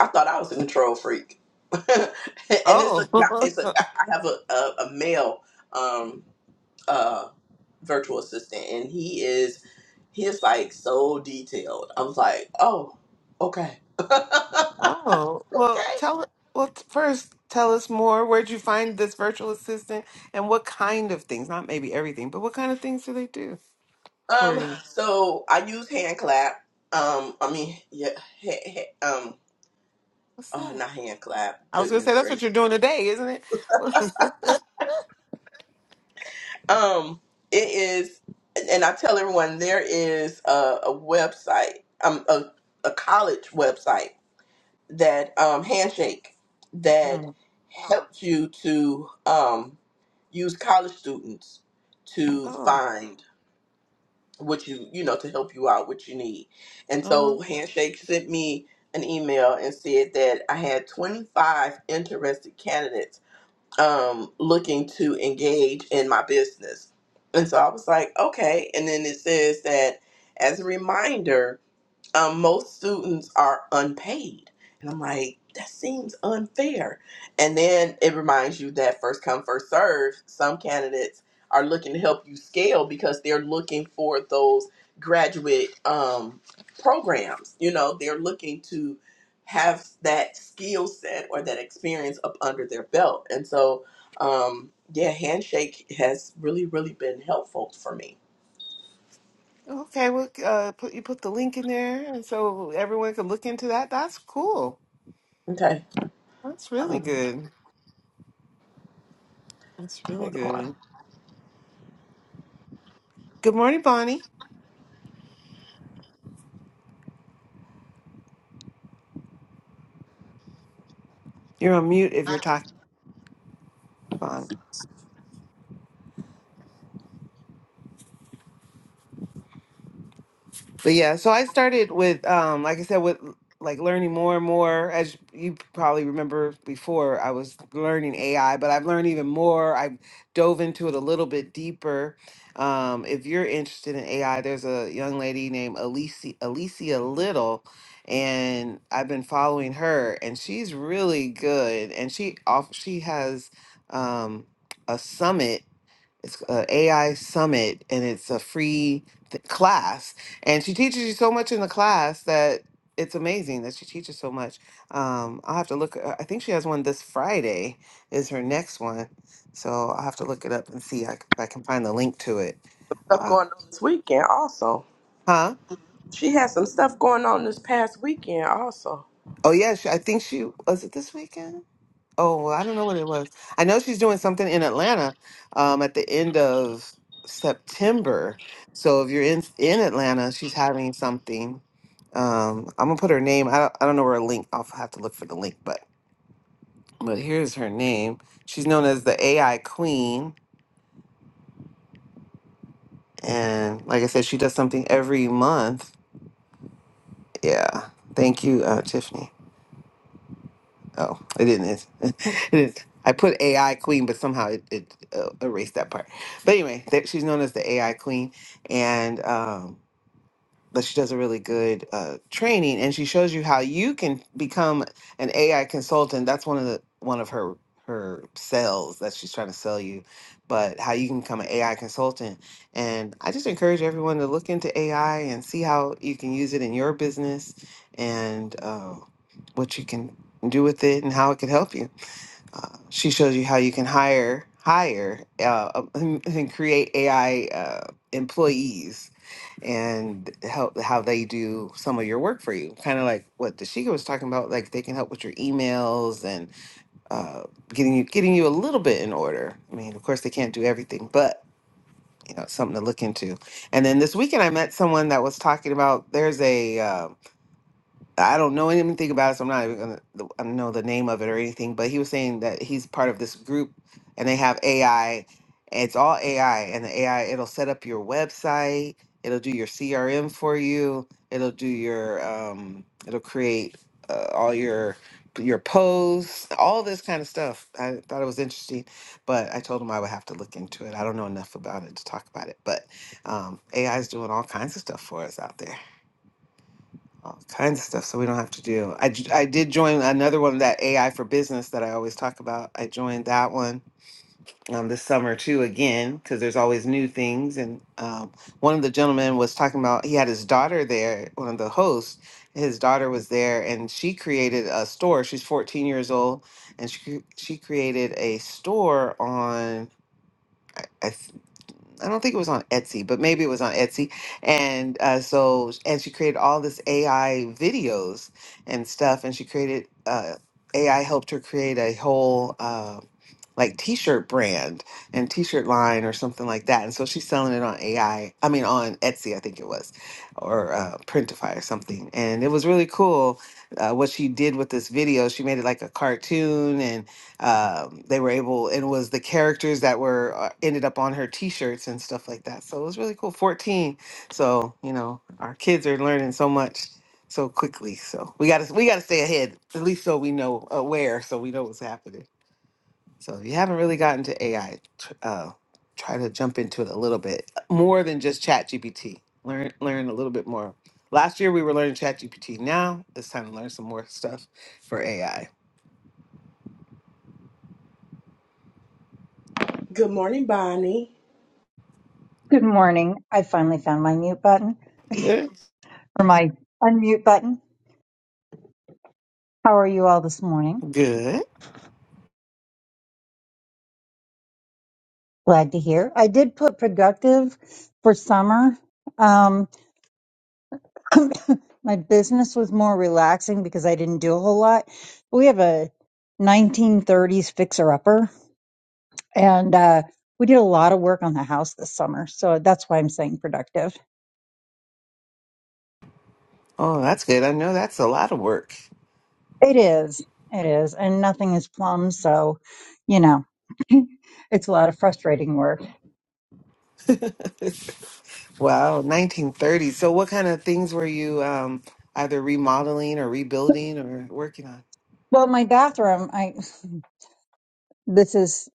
I thought I was a control freak. and it's a guy Oh, it's a guy I have a, a, a male um uh virtual assistant and he is he is like so detailed. I was like, oh, okay. oh. Well, tell well t- first. Tell us more. Where'd you find this virtual assistant, and what kind of things? Not maybe everything, but what kind of things do they do for Um, you? so I use hand clap. Um, I mean, yeah, he- he- um, What's oh, that? not hand clap. I was gonna say Goodness that's what gracious. you're doing today, isn't it? Um, it is, and I tell everyone there is a, a website, um, a, a college website that um, Handshake that oh, helps you to um, use college students to oh, find. what you you know to help you out what you need and uh-huh. so handshake sent me an email and said that i had 25 interested candidates um looking to engage in my business and so i was like okay and then it says that as a reminder um, most students are unpaid. And I'm like, that seems unfair. And then it reminds you that first come, first serve, some candidates are looking to help you scale because they're looking for those graduate um, programs. You know, they're looking to have that skill set or that experience up under their belt. And so, um, yeah, Handshake has really, really been helpful for me. okay. Well, uh, put you put the link in there, and so everyone can look into that. That's cool. Okay. That's really Um, good. That's really hold on. good. Good morning, Bonnie. You're on mute if you're talking, Bonnie. But yeah, so I started with, um, like I said, with like learning more and more. As you probably remember before, I was learning AI, but I've learned even more. I dove into it a little bit deeper. Um, if you're interested in AI, there's a young lady named Alicia, Alicia Little, and I've been following her, and she's really good. And she off, she has um, a summit it's a AI summit and it's a free th- class. And she teaches you so much in the class that it's amazing that she teaches so much. Um, I'll have to look. uh, I think she has one this Friday is her next one. So I'll have to look it up and see I c- if I can find the link to it. stuff Uh, going on this weekend also. huh? She had some stuff going on this past weekend also. Oh, yeah. She, I think she was it this weekend? Oh, well, I don't know what it was. I know she's doing something in Atlanta um, at the end of September. So if you're in in Atlanta, she's having something. Um, I'm gonna put her name. I don't, I don't know where a link. I'll have to look for the link, but but here's her name. She's known as the AI Queen, and like I said, she does something every month. Yeah. Thank you, uh, Tiffany. Oh, it didn't. It, it is. I put AI queen, but somehow it, it uh, erased that part. But anyway, that, she's known as the AI queen, and um, but she does a really good uh, training and she shows you how you can become an AI consultant. That's one of the one of her her sales that she's trying to sell you, but how you can become an AI consultant. And I just encourage everyone to look into AI and see how you can use it in your business and uh, what you can do with it and how it could help you. Uh, she shows you how you can hire hire uh, and create AI uh, employees and help how they do some of your work for you. Kind of like what Dashika was talking about, like they can help with your emails and uh, getting you getting you a little bit in order. I mean, of course they can't do everything, but you know, it's something to look into. And then this weekend I met someone that was talking about there's a uh, I don't know anything about it, so I'm not even gonna. I don't know the name of it or anything. But he was saying that he's part of this group, and they have AI. It's all AI, and the AI it'll set up your website, it'll do your CRM for you, it'll do your, um, it'll create uh, all your your posts, all this kind of stuff. I thought it was interesting, but I told him I would have to look into it. I don't know enough about it to talk about it, but um, AI is doing all kinds of stuff for us out there all kinds of stuff so we don't have to do I, j- I did join another one that ai for business that i always talk about i joined that one um, this summer too again because there's always new things and um, one of the gentlemen was talking about he had his daughter there one of the hosts his daughter was there and she created a store she's 14 years old and she, cre- she created a store on I, I th- I don't think it was on Etsy, but maybe it was on Etsy. And uh, so, and she created all this AI videos and stuff. And she created uh, AI helped her create a whole uh, like t-shirt brand and t-shirt line or something like that. And so she's selling it on AI, I mean on Etsy, I think it was, or uh, Printify or something. And it was really cool uh, what she did with this video. She made it like a cartoon, and um, they were able, and it was the characters that were uh, ended up on her t-shirts and stuff like that. So it was really cool. 14. So you know, our kids are learning so much so quickly. So we got to we got to stay ahead, at least so we know uh, where, so we know what's happening. So if you haven't really gotten to AI, tr- uh, try to jump into it a little bit uh, more than just ChatGPT. Learn learn a little bit more. Last year we were learning ChatGPT. Now it's time to learn some more stuff for AI. Good morning, Bonnie. Good morning. I finally found my mute button Eh, or my unmute button. How are you all this morning? Good. Glad to hear. I did put productive for summer. Um, my business was more relaxing because I didn't do a whole lot. We have a 1930s fixer upper, and uh, we did a lot of work on the house this summer. So that's why I'm saying productive. Oh, that's good. I know that's a lot of work. It is. It is. And nothing is plum. So, you know, it's a lot of frustrating work wow, 1930s. So what kind of things were you um, either remodeling or rebuilding or working on? Well, my bathroom, I this is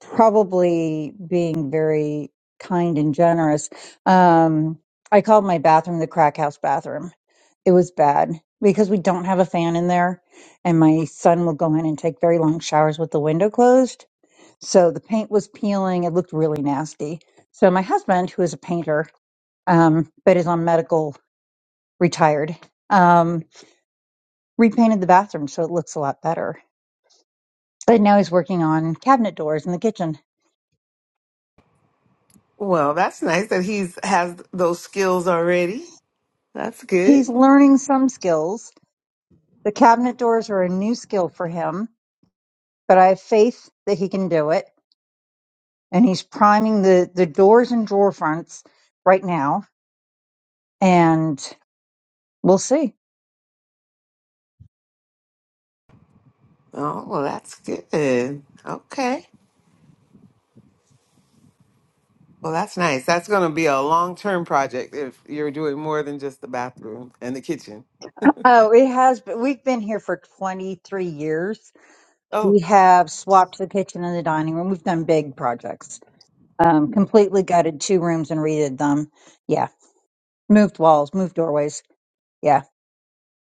probably being very kind and generous. Um, I called my bathroom the crack house bathroom. It was bad because we don't have a fan in there, and my son will go in and take very long showers with the window closed. So the paint was peeling. It looked really nasty. So my husband, who is a painter, um, but is on medical retired, um, repainted the bathroom so it looks a lot better But now he's working on cabinet doors in the kitchen. Well, that's nice that he's has those skills already. That's He's good. learning some skills. The cabinet doors are a new skill for him, but I have faith that he can do it. And he's priming the, the doors and drawer fronts right now. And we'll see. Oh, well, that's good. Okay. Well, that's nice. That's going to be a long term project if you're doing more than just the bathroom and the kitchen. Oh, it has, but we've been here for 23 years. Oh, We have swapped the kitchen and the dining room. We've done big projects, um, completely gutted two rooms and redid them. Yeah. Moved walls, moved doorways. Yeah.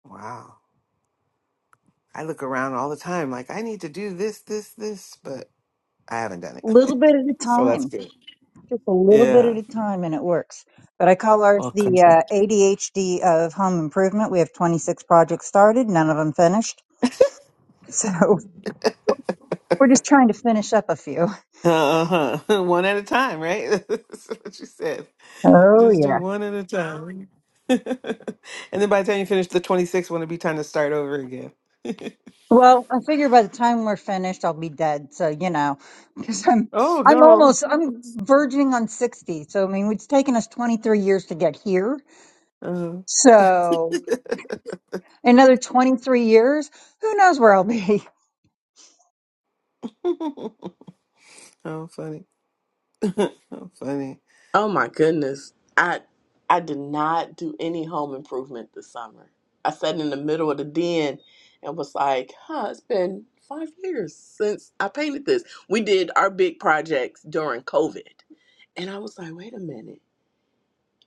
wow. I look around all the time like, I need to do this, this, this, but I haven't done it. Little bit at a so that's time good. just a little bit Yeah. at a time and it works. But I call ours Welcome. the uh, ADHD of home improvement. We have 26 projects started, none of them finished. So we're just trying to finish up a few. Uh huh. one at a time, right? that's what you said. Oh, Just do yeah. one at a time. and then by the time you finish the 26th, one will be time to start over again. Well, I figure by the time we're finished, I'll be dead. So, you know, because I'm. I'm oh, almost, no. I'm verging on 60. So, I mean, it's taken us 23 years to get here. So, another 23 years, who knows where I'll be? How funny. How funny. Oh my goodness. I I did not do any home improvement this summer. I sat in the middle of the den and was like, huh, it's been five years since I painted this. We did our big projects during COVID. And I was like, wait a minute.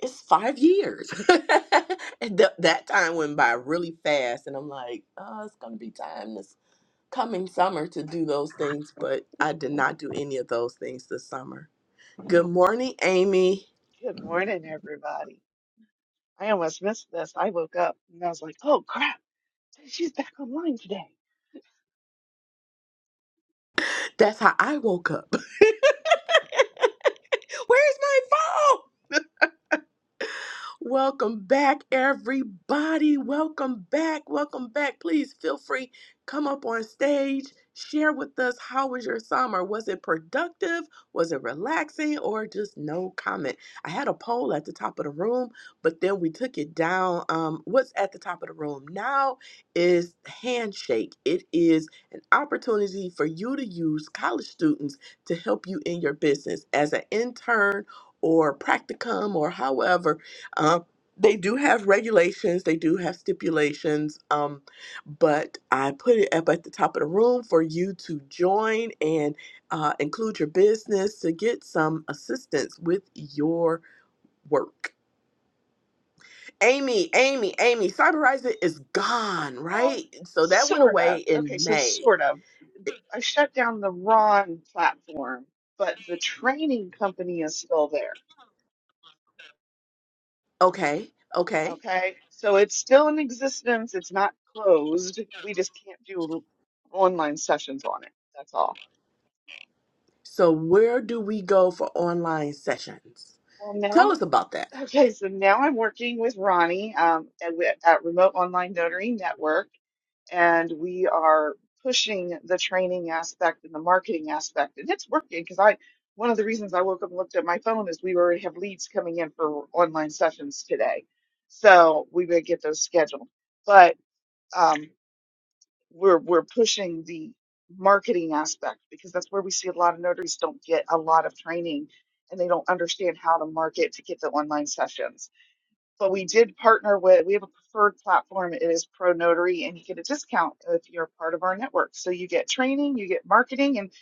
It's five years. and th- that time went by really fast. And I'm like, oh, it's going to be time to coming summer to do those things, but I did not do any of those things this summer. Good morning, Amy. Good morning, everybody. I almost missed this. I woke up and I was like, oh crap, she's back online today. That's how I woke up. Where's my phone? Welcome back, everybody. Welcome back. Welcome back. Please feel free. Come up on stage. Share with us how was your summer? Was it productive? Was it relaxing? Or just no comment? I had a poll at the top of the room, but then we took it down. Um, what's at the top of the room now is Handshake. It is an opportunity for you to use college students to help you in your business as an intern or practicum or however um, they do have regulations, they do have stipulations, um, but I put it up at the top of the room for you to join and uh, include your business to get some assistance with your work. Amy, Amy, Amy, Cyberize It is gone, Well, right? So that went sort of. away Okay, in so May. sort of. I shut down the Ron platform, but the training company is still there. Okay, okay. Okay, so it's still in existence. It's not closed. We just can't do online sessions on it. That's all. So where do we go for online sessions? Well, Tell now us about that. Okay, so now I'm working with Ronnie um, at, at Remote Online Notary Network. and we are pushing the training aspect and the marketing aspect and it's working because i one of the reasons i woke up and looked at my phone is we already have leads coming in for online sessions today so we would get those scheduled but um, we're we're pushing the marketing aspect because that's where we see a lot of notaries don't get a lot of training and they don't understand how to market to get the online sessions but we did partner with, we have a preferred platform. It is Pro Notary, and you get a discount if you're part of our network. So you get training, you get marketing, and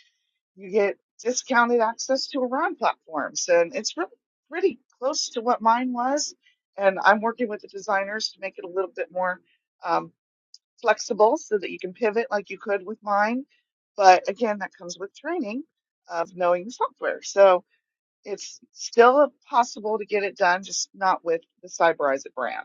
you get discounted access to a RON platform. So and it's really pretty close to what mine was. And I'm working with the designers to make it a little bit more um, flexible so that you can pivot like you could with mine. But again, that comes with training of knowing the software. So it's still possible to get it done, just not with the Cyberize brand.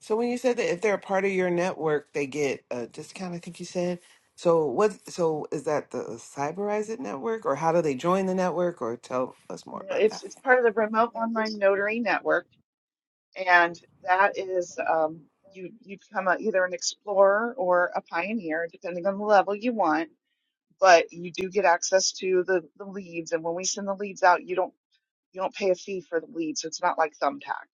So when you said that if they're a part of your network, they get a discount, I think you said. So what so is that the Cyberize It network or how do they join the network or tell us more No, about that? It's it's part of the remote online notary network, and that is um, you you become a, either an explorer or a pioneer, depending on the level you want. But you do get access to the the leads, and when we send the leads out, you don't you don't pay a fee for the lead, so it's not like Thumbtack.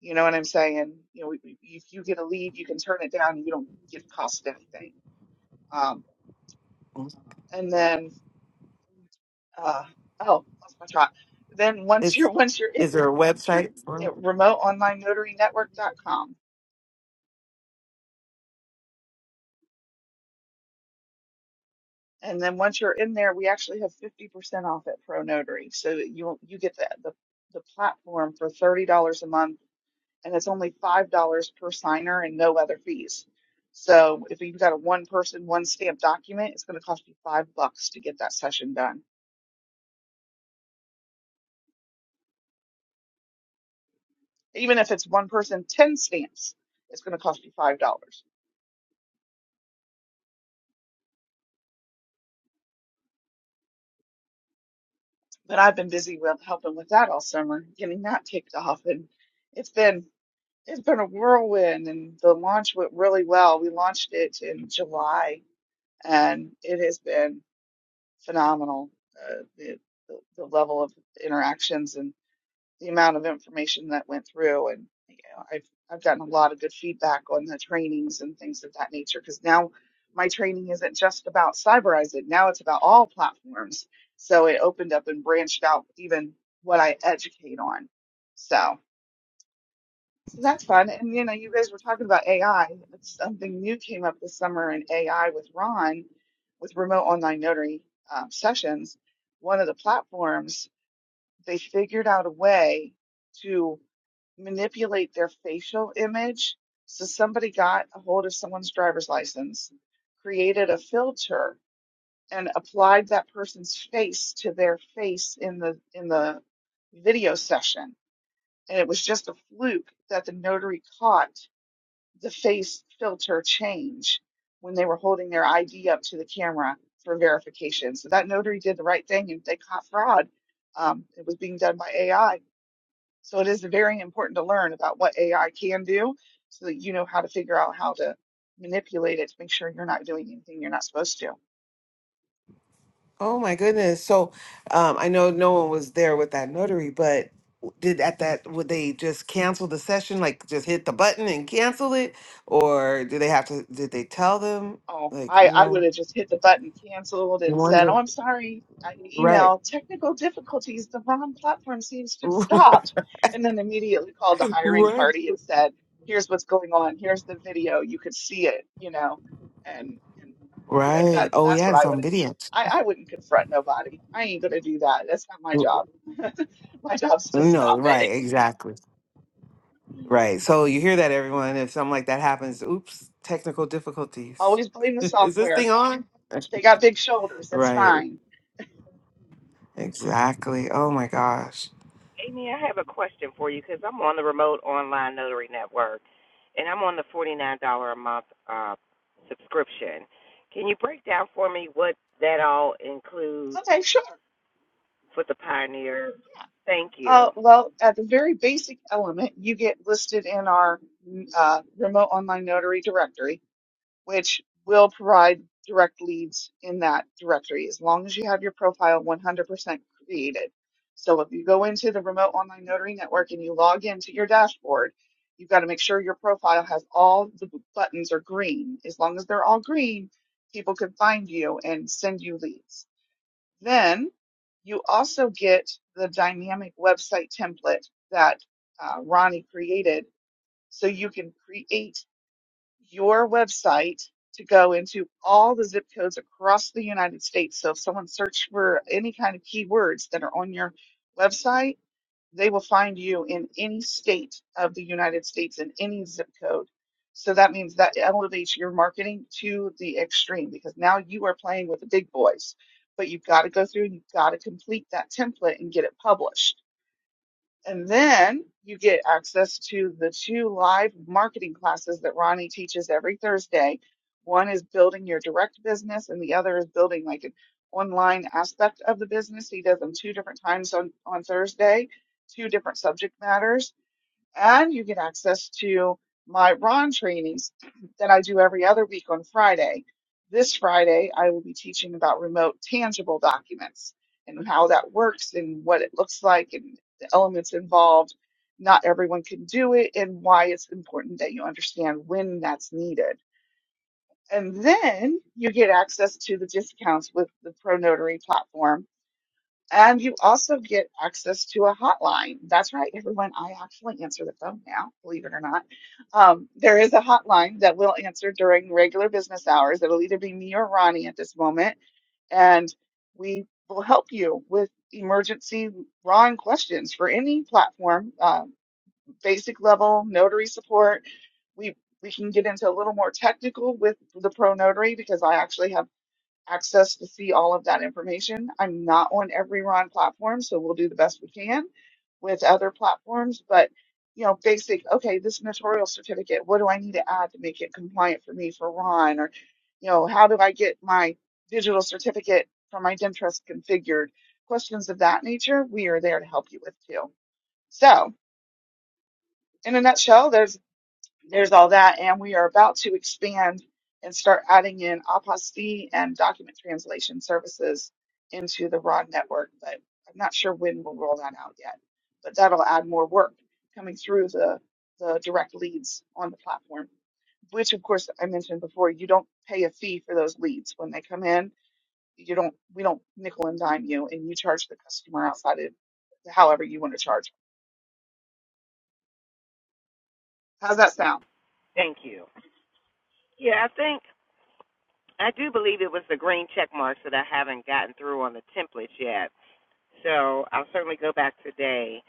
You know what I'm saying? You know, we- we- if you get a lead, you can turn it down, and you don't get cost anything. Um, Mhm. and then uh, oh, lost my thought. Then once you're It's once you're is in, there a website for it? at remote online notary network dot com. And then once you're in there, we actually have 50% off at Pro Notary. So that you you get the, the the platform for $30 a month and it's only $5 per signer and no other fees. So if you've got a one person, one stamp document, it's going to cost you 5 bucks to get that session done. Even if it's one person, 10 stamps, it's going to cost you $5. But I've been busy with helping with that all summer, getting that kicked off and it's been It's been a whirlwind, and the launch went really well. We launched it in July, and it has been phenomenal. Uh, the, the the level of interactions and the amount of information that went through, and you know, I've I've gotten a lot of good feedback on the trainings and things of that nature. Because now my training isn't just about cyber it now it's about all platforms. So it opened up and branched out even what I educate on. So. So that's fun. And you know, you guys were talking about AI. It's something new came up this summer in AI with Ron, with remote online notary um, sessions. One of the platforms, they figured out a way to manipulate their facial image. So somebody got a hold of someone's driver's license, created a filter, and applied that person's face to their face in the in the video session. And it was just a fluke that the notary caught the face filter change when they were holding their ID up to the camera for verification. So that notary did the right thing and they caught fraud. Um, it was being done by AI. So it is very important to learn about what AI can do so that you know how to figure out how to manipulate it to make sure you're not doing anything you're not supposed to. Oh my goodness. So um I know no one was there with that notary, but did at that would they just cancel the session like just hit the button and cancel it or do they have to did they tell them Oh, like I, you I know would have just hit the button, canceled, You and said, Wonder, "Oh, I'm sorry." I right, email technical difficulties. The wrong platform seems to have stopped, and then immediately called the hiring right, party and said, "Here's what's going on. Here's the video. You could see it, you know." And and yeah, right. that Oh that's yeah, what it's I would. on video. I I wouldn't confront nobody. I ain't gonna do that. That's not my job. My job's to No, stop it. right, exactly, right. So you hear that, everyone? If something like that happens, oops, technical difficulties. Always blame the Is this thing software. on? They got big shoulders. It's Right, fine. exactly. Oh my gosh. Amy, I have a question for you because I'm on the remote online notary network, and I'm on the $49 a month uh, subscription. Can you break down for me what that all includes Okay, sure. for the pioneer? Thank Uh, you. well, at the very basic element, you get listed in our uh, remote online notary directory, which will provide direct leads in that directory as long as you have your profile 100% created. So if you go into the remote online notary network and you log into your dashboard, you've got to make sure your profile has all the b- buttons are green. As long as they're all green, people can find you and send you leads. Then you also get the dynamic website template that uh, Ronnie created. So you can create your website to go into all the zip codes across the United States. So if someone searched for any kind of keywords that are on your website, they will find you in any state of the United States in any zip code. So that means that elevates your marketing to the extreme because now you are playing with the big boys. But you've got to go through and you've got to complete that template and get it published and then you get access to the two live marketing classes that Ronnie teaches every Thursday. One is building your direct business, and the other is building like an online aspect of the business. He does them two different times on, on Thursday, two different subject matters and you get access to my Ron trainings that I do every other week on Friday. This Friday, I will be teaching about remote tangible documents and how that works and what it looks like and the elements involved. Not everyone can do it and why it's important that you understand when that's needed. And then you get access to the discounts with the Pro Notary platform and you also get access to a hotline. That's right, everyone. I actually answer the phone now, believe it or not. Um, there is a hotline that will answer during regular business hours. It'll either be me or Ronnie at this moment, and we will help you with emergency Ron questions for any platform, uh, basic level notary support. We we can get into a little more technical with the pro notary because I actually have access to see all of that information. I'm not on every Ron platform, so we'll do the best we can with other platforms. But you know, basic, okay, this notarial certificate, what do I need to add to make it compliant for me for Ron? Or, you know, how do I get my digital certificate from my Dentrust configured? Questions of that nature, we are there to help you with too. So, in a nutshell, there's there's all that. And we are about to expand and start adding in apostille and document translation services into the ROD network. But I'm not sure when we'll roll that out yet. But that'll add more work coming through the, the direct leads on the platform, which of course I mentioned before, you don't pay a fee for those leads when they come in. You don't, we don't nickel and dime you and you charge the customer outside of however you want to charge. How's that sound? Thank you. Yeah, I think I do believe it was the green check marks that I haven't gotten through on the templates yet. So I'll certainly go back today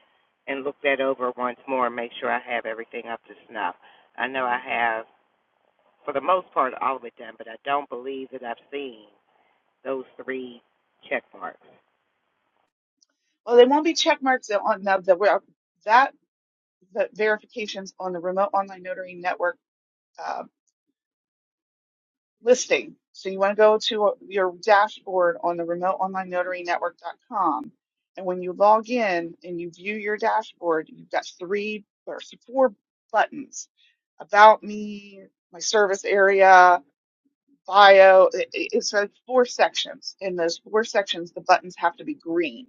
and look that over once more and make sure I have everything up to snuff. I know I have for the most part, all of it done, but I don't believe that I've seen those three check marks. Well, they won't be check marks on now that we're that the verifications on the remote online notary network uh, listing. So you want to go to your dashboard on the remote online notary network.com. And when you log in and you view your dashboard, you've got three or four buttons about me, my service area, bio. It- it- It's like four sections. In those four sections, the buttons have to be green.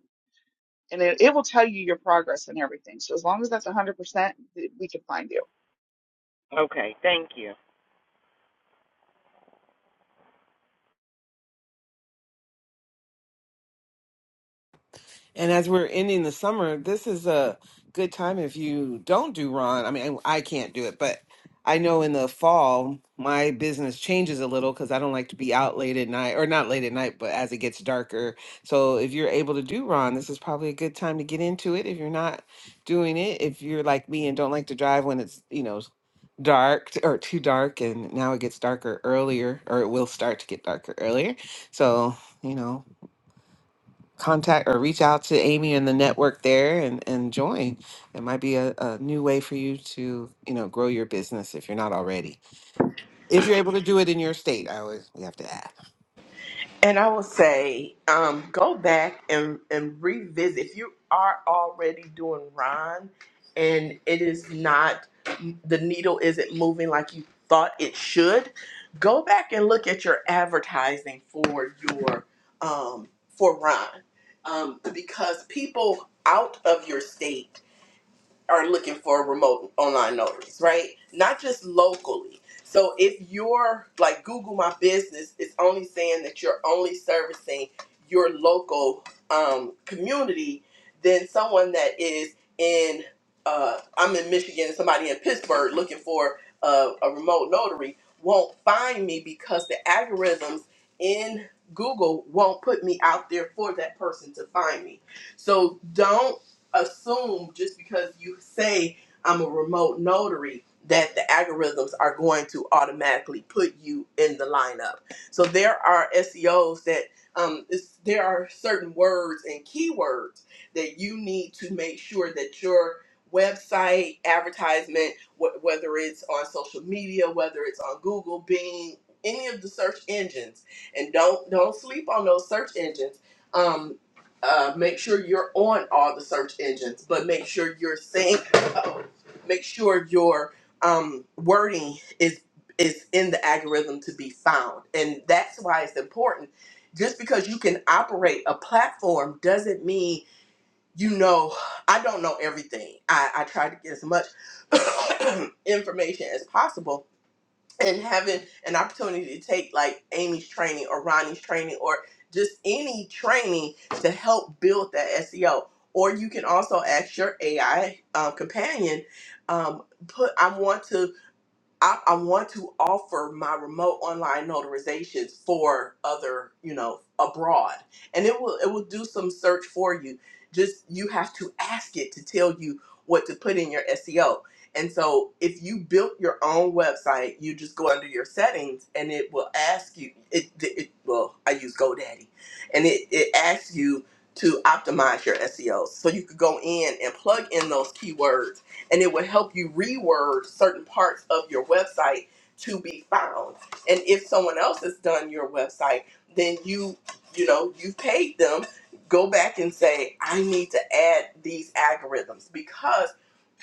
And it, it will tell you your progress and everything. So as long as that's 100%, th- we can find you. Okay, thank you. And as we're ending the summer, this is a good time if you don't do Ron. I mean, I can't do it, but I know in the fall, my business changes a little because I don't like to be out late at night, or not late at night, but as it gets darker. So if you're able to do Ron, this is probably a good time to get into it. If you're not doing it, if you're like me and don't like to drive when it's, you know, dark t- or too dark and now it gets darker earlier or it will start to get darker earlier so you know contact or reach out to Amy and the network there and, and join. It might be a, a new way for you to, you know, grow your business if you're not already. If you're able to do it in your state, I always we have to add. And I will say, um, go back and, and revisit. If you are already doing Ron and it is not, the needle isn't moving like you thought it should, go back and look at your advertising for your, um, for Ron. Um, because people out of your state are looking for remote online notaries, right? Not just locally. So if you're like Google My Business, it's only saying that you're only servicing your local um, community, then someone that is in, uh, I'm in Michigan, and somebody in Pittsburgh looking for a, a remote notary won't find me because the algorithms in Google won't put me out there for that person to find me. So don't assume just because you say I'm a remote notary that the algorithms are going to automatically put you in the lineup. So there are SEOs that um, it's, there are certain words and keywords that you need to make sure that your website advertisement, wh- whether it's on social media, whether it's on Google, Bing, any of the search engines, and don't don't sleep on those search engines. Um uh, make sure you're on all the search engines, but make sure you're saying, oh, make sure your um, wording is is in the algorithm to be found, and that's why it's important. Just because you can operate a platform doesn't mean you know. I don't know everything. I, I try to get as much information as possible, and having an opportunity to take like Amy's training or Ronnie's training or just any training to help build that SEO. Or you can also ask your AI um, companion, um, put I want to I, I want to offer my remote online notarizations for other, you know, abroad, and it will it will do some search for you. Just you have to ask it to tell you what to put in your SEO. And so, if you built your own website, you just go under your settings, and it will ask you. It, it well, I use GoDaddy, and it it asks you to optimize your SEO. So you could go in and plug in those keywords and it will help you reword certain parts of your website to be found. And if someone else has done your website, then you, you know, you've paid them. Go back and say, I need to add these algorithms because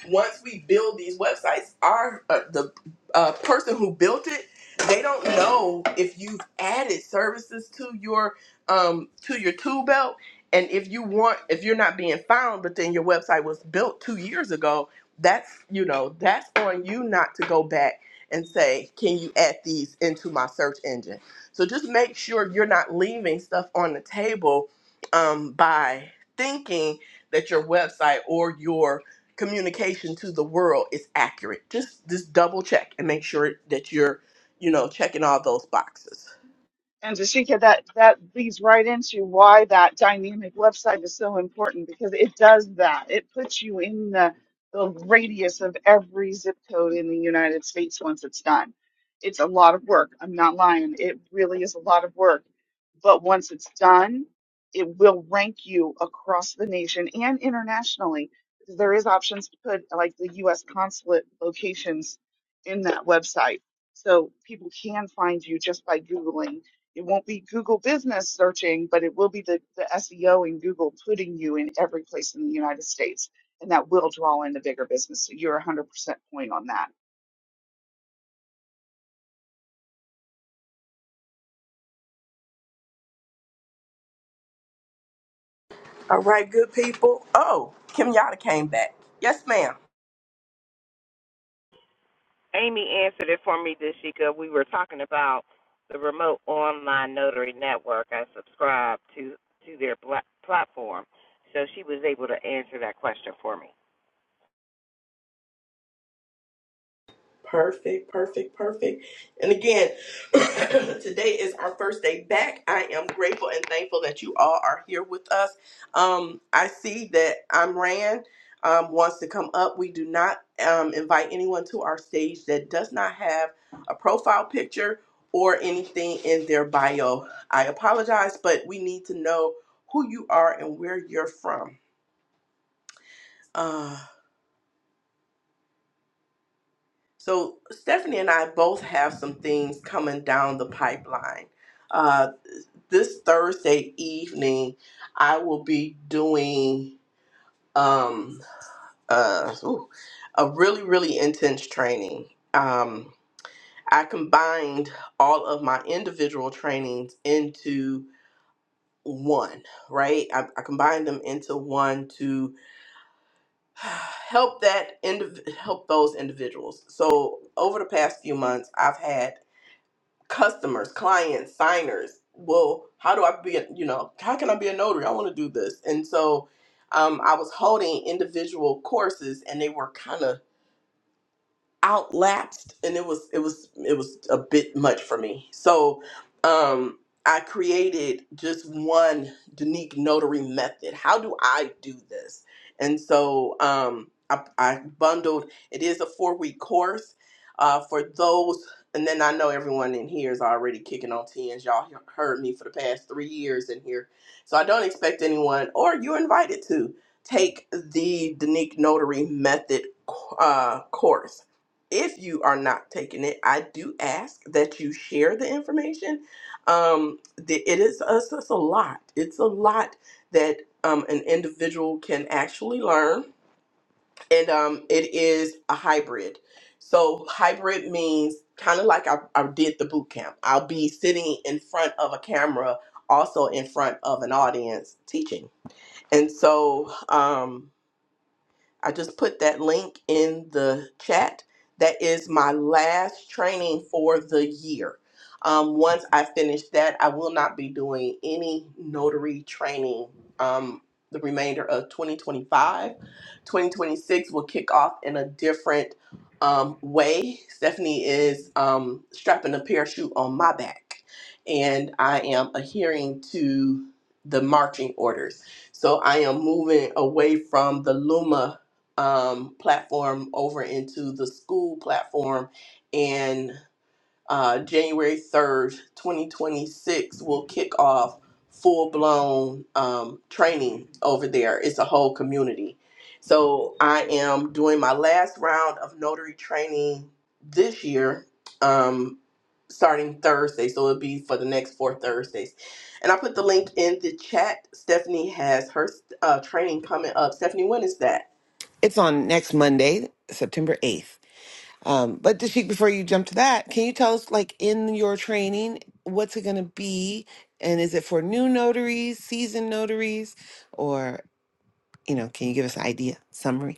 once we build these websites, our uh, the uh, person who built it, they don't know if you've added services to your um to your tool belt, and if you want if you're not being found, but then your website was built two years ago. That's you know that's on you not to go back and say, can you add these into my search engine? So just make sure you're not leaving stuff on the table um, by thinking that your website or your communication to the world is accurate. Just just double check and make sure that you're, you know, checking all those boxes. And Jashika, that, that leads right into why that dynamic website is so important because it does that. It puts you in the, the radius of every zip code in the United States once it's done. It's a lot of work. I'm not lying. It really is a lot of work. But once it's done, it will rank you across the nation and internationally. There is options to put like the U.S. consulate locations in that website. So people can find you just by Googling it won't be Google business searching, but it will be the, the SEO in Google putting you in every place in the United States. And that will draw in the bigger business. So you're 100% point on that. All right, good people. Oh, Kim Yada came back. Yes, ma'am. Amy answered it for me, Deshika. We were talking about the remote online notary network. I subscribe to to their platform, so she was able to answer that question for me. Perfect, perfect, perfect. And again, today is our first day back. I am grateful and thankful that you all are here with us. Um, I see that Imran um, wants to come up. We do not um, invite anyone to our stage that does not have a profile picture or anything in their bio. I apologize, but we need to know who you are and where you're from. Uh, So Stephanie and I both have some things coming down the pipeline. Uh, this Thursday evening, I will be doing um, uh, ooh, a really, really intense training. Um, I combined all of my individual trainings into one, right? I, I combined them into one to help that indiv- help those individuals. So over the past few months, I've had customers, clients, signers. Well, how do I be, a, you know, how can I be a notary? I want to do this. And so um, I was holding individual courses and they were kind of outlapsed and it was it was it was a bit much for me so um i created just one unique notary method how do i do this and so um i, I bundled it is a four week course uh for those and then i know everyone in here is already kicking on tens y'all he- heard me for the past three years in here so i don't expect anyone or you're invited to take the unique notary method uh course if you are not taking it, I do ask that you share the information. Um, the- it is it's, it's a lot. It's a lot that um, an individual can actually learn, and um, it is a hybrid. So hybrid means kind of like I, I did the boot camp. I'll be sitting in front of a camera, also in front of an audience teaching. And so um, I just put that link in the chat. That is my last training for the year. Um, once I finish that, I will not be doing any notary training um, the remainder of 2025. 2026 will kick off in a different um, way. Stephanie is um, strapping a parachute on my back, and I am adhering to the marching orders. So I am moving away from the Luma um, platform over into the school platform. And uh, January 3rd, 2026, will kick off full blown um, training over there. It's a whole community. So I am doing my last round of notary training this year. Um, starting Thursday, so it'll be for the next four Thursdays. And I put the link in the chat. Stephanie has her uh, training coming up. Stephanie, when is that? It's on next Monday, September 8th. Um, but Dashik, before you jump to that, can you tell us, like, in your training, what's it going to be? And is it for new notaries, seasoned notaries, or, you know, can you give us an idea, summary?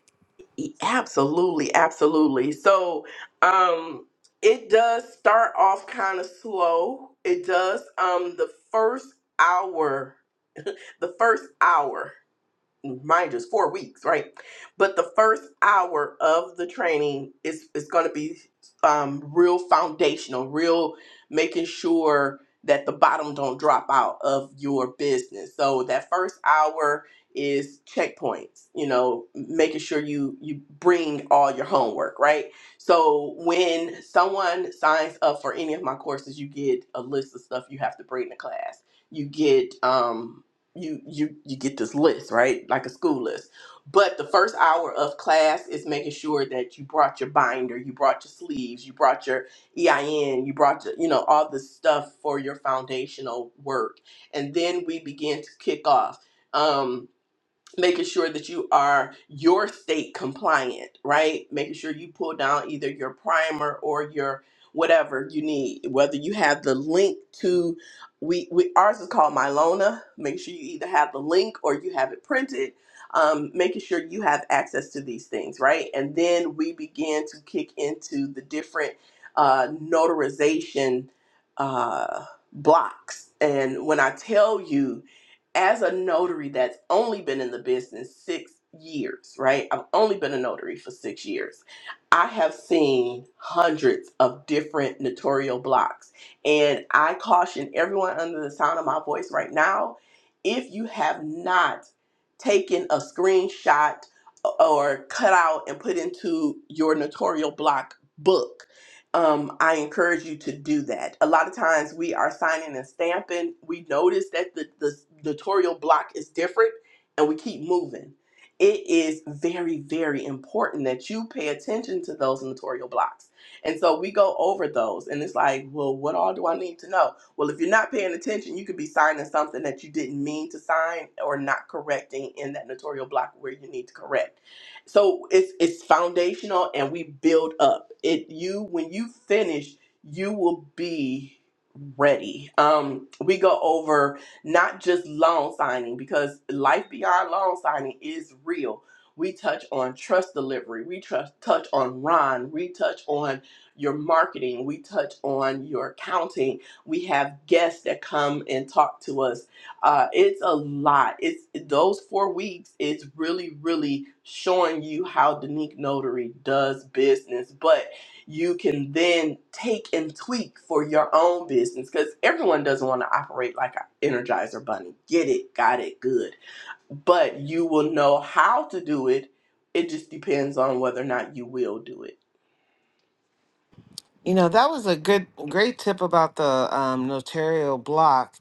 Absolutely, absolutely. So, um, it does start off kind of slow. It does. Um, the first hour, the first hour mind you, it's four weeks, right? But the first hour of the training is is going to be um, real foundational, real making sure that the bottom don't drop out of your business. So that first hour is checkpoints, you know, making sure you you bring all your homework, right? So when someone signs up for any of my courses, you get a list of stuff you have to bring to class. You get um you you you get this list right like a school list but the first hour of class is making sure that you brought your binder you brought your sleeves you brought your ein you brought your, you know all the stuff for your foundational work and then we begin to kick off Um, making sure that you are your state compliant, right? Making sure you pull down either your primer or your whatever you need, whether you have the link to we, we ours is called Milona. Make sure you either have the link or you have it printed. Um, making sure you have access to these things, right? And then we begin to kick into the different uh, notarization uh, blocks. And when I tell you, as a notary that's only been in the business six years, right? I've only been a notary for six years. I have seen hundreds of different notarial blocks. And I caution everyone under the sound of my voice right now if you have not taken a screenshot or cut out and put into your notarial block book, um, I encourage you to do that. A lot of times we are signing and stamping. We notice that the, the notarial block is different and we keep moving. It is very, very important that you pay attention to those notarial blocks. And so we go over those and it's like, well, what all do I need to know? Well, if you're not paying attention, you could be signing something that you didn't mean to sign or not correcting in that notarial block where you need to correct so it's it's foundational and we build up it you when you finish you will be ready um we go over not just loan signing because life beyond loan signing is real we touch on trust delivery we trust touch on ron we touch on your marketing we touch on your accounting we have guests that come and talk to us uh, it's a lot. It's those four weeks is really, really showing you how Danique Notary does business, but you can then take and tweak for your own business because everyone doesn't want to operate like an Energizer Bunny. Get it, got it, good. But you will know how to do it. It just depends on whether or not you will do it. You know, that was a good, great tip about the um, notarial block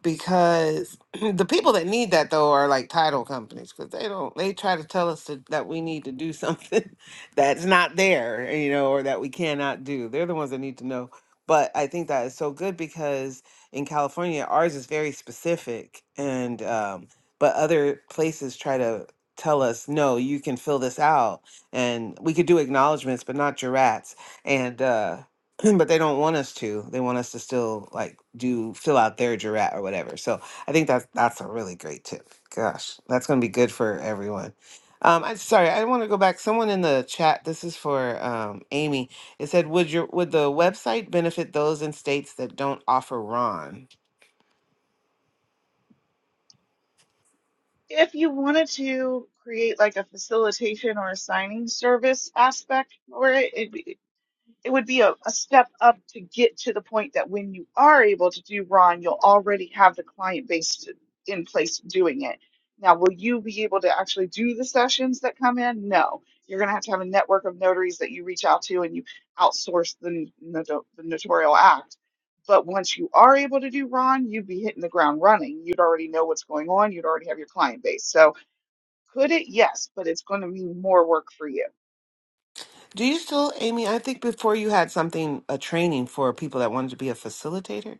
because the people that need that though are like title companies because they don't, they try to tell us to, that we need to do something that's not there, you know, or that we cannot do. They're the ones that need to know. But I think that is so good because in California, ours is very specific and, um, but other places try to tell us, no, you can fill this out and we could do acknowledgments, but not your rats and uh but they don't want us to. They want us to still like do fill out their jurat or whatever. So I think that's that's a really great tip. Gosh, that's gonna be good for everyone. Um, I'm sorry, I want to go back. Someone in the chat. This is for um, Amy. It said, "Would your would the website benefit those in states that don't offer Ron?" If you wanted to create like a facilitation or a signing service aspect for it, it, it would be a, a step up to get to the point that when you are able to do Ron, you'll already have the client base to- in place doing it. Now, will you be able to actually do the sessions that come in? No. You're going to have to have a network of notaries that you reach out to and you outsource the, noto- the notarial act. But once you are able to do Ron, you'd be hitting the ground running. You'd already know what's going on. You'd already have your client base. So, could it? Yes, but it's going to mean more work for you. Do you still, Amy? I think before you had something a training for people that wanted to be a facilitator.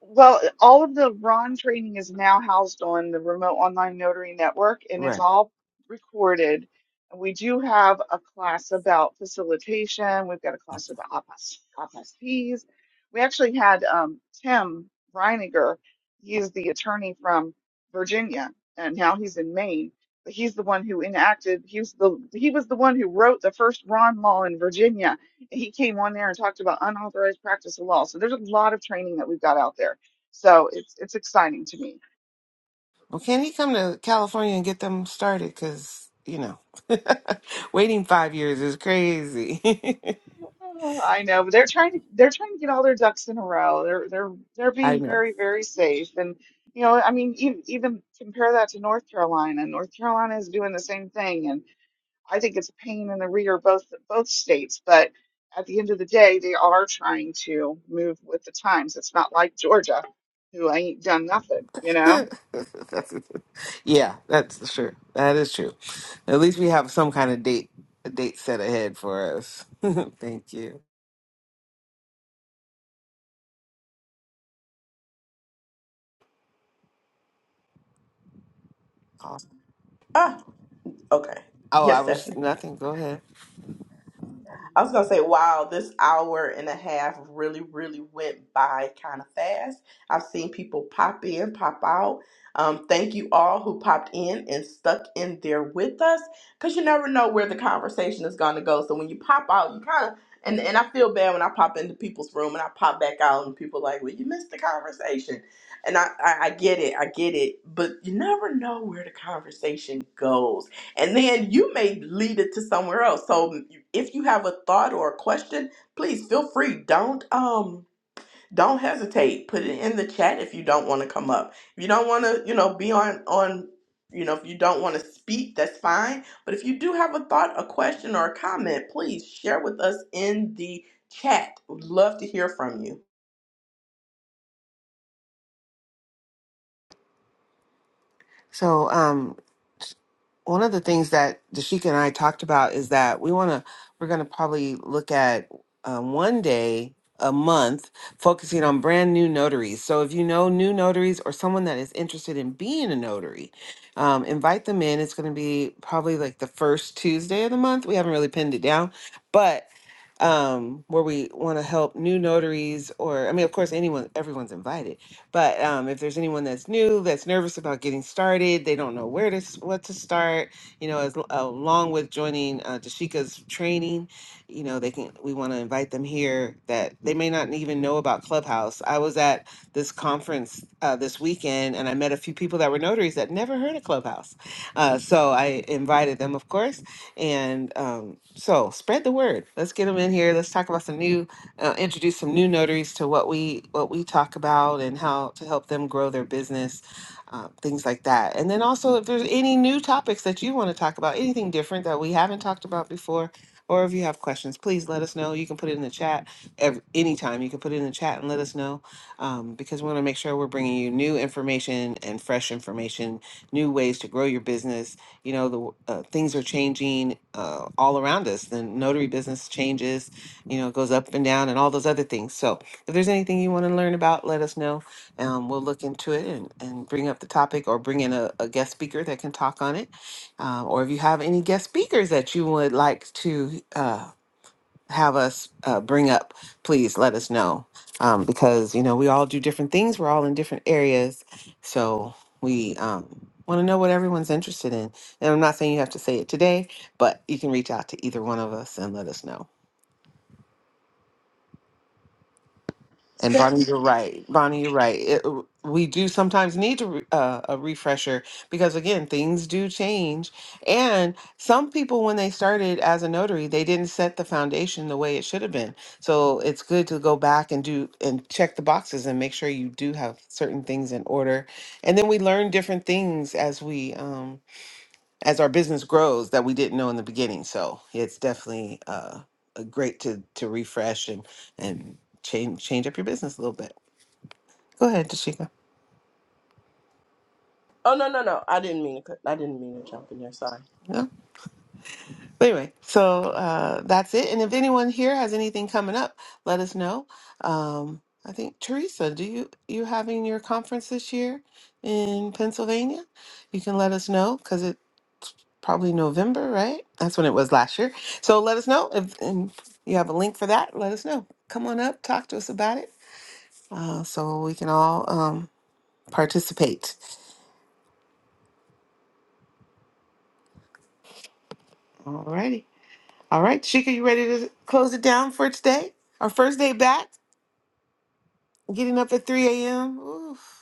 Well, all of the Ron training is now housed on the remote online notary network and Right. it's all recorded. And We do have a class about facilitation. We've got a class about apostilles. We actually had um, Tim Reiniger. He is the attorney from Virginia and now he's in Maine. But he's the one who enacted, he was the, he was the one who wrote the first Ron law in Virginia he came on there and talked about unauthorized practice of law. So there's a lot of training that we've got out there. So it's it's exciting to me. Well, can he come to California and get them started? Because, you know, waiting five years is crazy. Oh, I know, but they're trying to they're trying to get all their ducks in a row. They're they're they're I being know. very very safe, and you know, I mean, even, even compare that to North Carolina. North Carolina is doing the same thing, and I think it's a pain in the rear both both states. But at the end of the day, they are trying to move with the times. It's not like Georgia, who ain't done nothing, you know. That's- yeah, that's true. That is true. At least we have some kind of date, a date set ahead for us. Thank you. Awesome. Ah, okay. Oh, I Yes, was nothing. Go ahead. I was gonna say, wow, this hour and a half really, really went by kind of fast. I've seen people pop in, pop out. Um, thank you all who popped in and stuck in there with us, because you never know where the conversation is gonna go. So when you pop out, you kind of and and I feel bad when I pop into people's room and I pop back out and people like, well, you missed the conversation, and I I, I get it, I get it, but you never know where the conversation goes and then you may lead it to somewhere else so mm, if you have a thought or a question please feel free don't um don't hesitate put it in the chat if you don't want to come up if you don't want to you know be on on you know if you don't want to speak that's fine but if you do have a thought a question or a comment please share with us in the chat would love to hear from you So, um, one of the things that Dashika and I talked about is that we want to, we're going to probably look at um, one day a month focusing on brand new notaries. So if you know new notaries or someone that is interested in being a notary, um, invite them in. It's going to be probably like the first Tuesday of the month. We haven't really pinned it down, but um, where we want to help new notaries or, I mean, of course, anyone, everyone's invited but um, if there's anyone that's new, that's nervous about getting started, they don't know where to s- what to start, you know, as, along with joining uh, Dashika's training, you know, they can. We want to invite them here that they may not even know about Clubhouse. I was at this conference uh, this weekend, and I met a few people that were notaries that never heard of Clubhouse. Uh, so I invited them, of course, and um, so spread the word. Let's get them in here. Let's talk about some new uh, introduce some new notaries to what we what we talk about and how to help them grow their business, uh, things like that. And then also, if there's any new topics that you want to talk about, anything different that we haven't talked about before, or if you have questions, please let us know. You can put it in the chat every, anytime. You can put it in the chat and let us know um, because we want to make sure we're bringing you new information and fresh information, new ways to grow your business. You know, the uh, things are changing uh, all around us. The notary business changes you know, it goes up and down and all those other things. So if there's anything you want to learn about, let us know. Um, we'll look into it and, and bring up the topic or bring in a, a guest speaker that can talk on it. Uh, or if you have any guest speakers that you would like to uh, have us uh, bring up, please let us know. Um, because, you know, we all do different things, we're all in different areas. So we um, want to know what everyone's interested in. And I'm not saying you have to say it today, but you can reach out to either one of us and let us know. And Bonnie, Steph- you're right. Bonnie, you're right. It, we do sometimes need to re- uh, a refresher because again, things do change. And some people, when they started as a notary, they didn't set the foundation the way it should have been. So it's good to go back and do and check the boxes and make sure you do have certain things in order. And then we learn different things as we um, as our business grows that we didn't know in the beginning. So it's definitely uh, a great to to refresh and and change change up your business a little bit. Go ahead, Tashika. oh no no no i didn't mean to cut- i didn't mean to jump in there sorry No? But anyway, so uh, that's it. And if anyone here has anything coming up, let us know. Um, I think Teresa, do you you having your conference this year in Pennsylvania? You can let us know because probably November, right? That's when it was last year. So let us know if and you have a link for that. Let us know. Come on up, talk to us about it, uh, so we can all um, participate. All righty, all right, Chica, you ready to close it down for today? Our first day back, getting up at three a.m. Oof.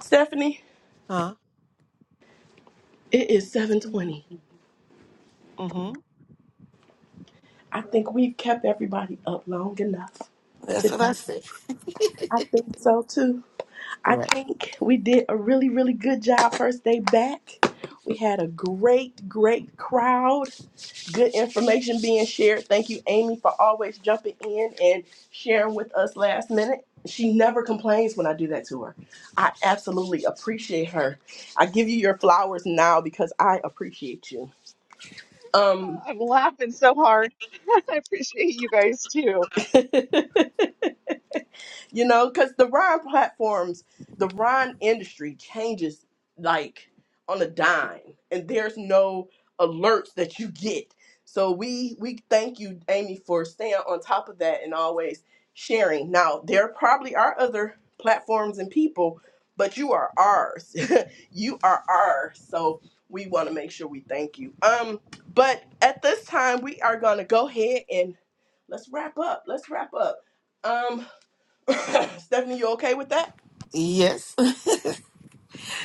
stephanie Huh? it is 7:20. Mm-hmm. I think we've kept everybody up long enough That's what today. I said. I think so too. I right. think we did a really, really good job first day back. We had a great, great crowd. Good information being shared. Thank you, Amy, for always jumping in and sharing with us last minute. She never complains when I do that to her. I absolutely appreciate her. I give you your flowers now because I appreciate you. Um I'm laughing so hard. I appreciate you guys too. you know, because the Ron platforms, the Ron industry changes like on a dime, and there's no alerts that you get. So we we thank you, Amy, for staying on top of that and always sharing. Now there probably are other platforms and people, but you are ours. you are ours. So we want to make sure we thank you. Um, but at this time, we are gonna go ahead and let's wrap up. Let's wrap up. Um, Stephanie, you okay with that? Yes.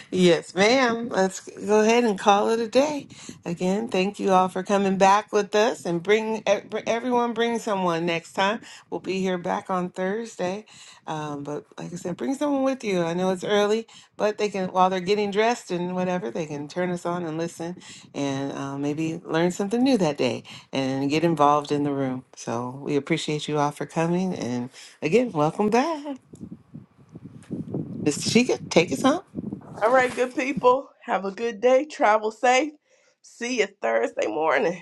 Yes, ma'am. Let's go ahead and call it a day. Again, thank you all for coming back with us and bring ev- everyone, bring someone next time. We'll be here back on Thursday. Um, but like I said, bring someone with you. I know it's early, but they can, while they're getting dressed and whatever, they can turn us on and listen and uh, maybe learn something new that day and get involved in the room. So we appreciate you all for coming. And again, welcome back. Mr. Chica, take us home. All right, good people. Have a good day. Travel safe. See you Thursday morning.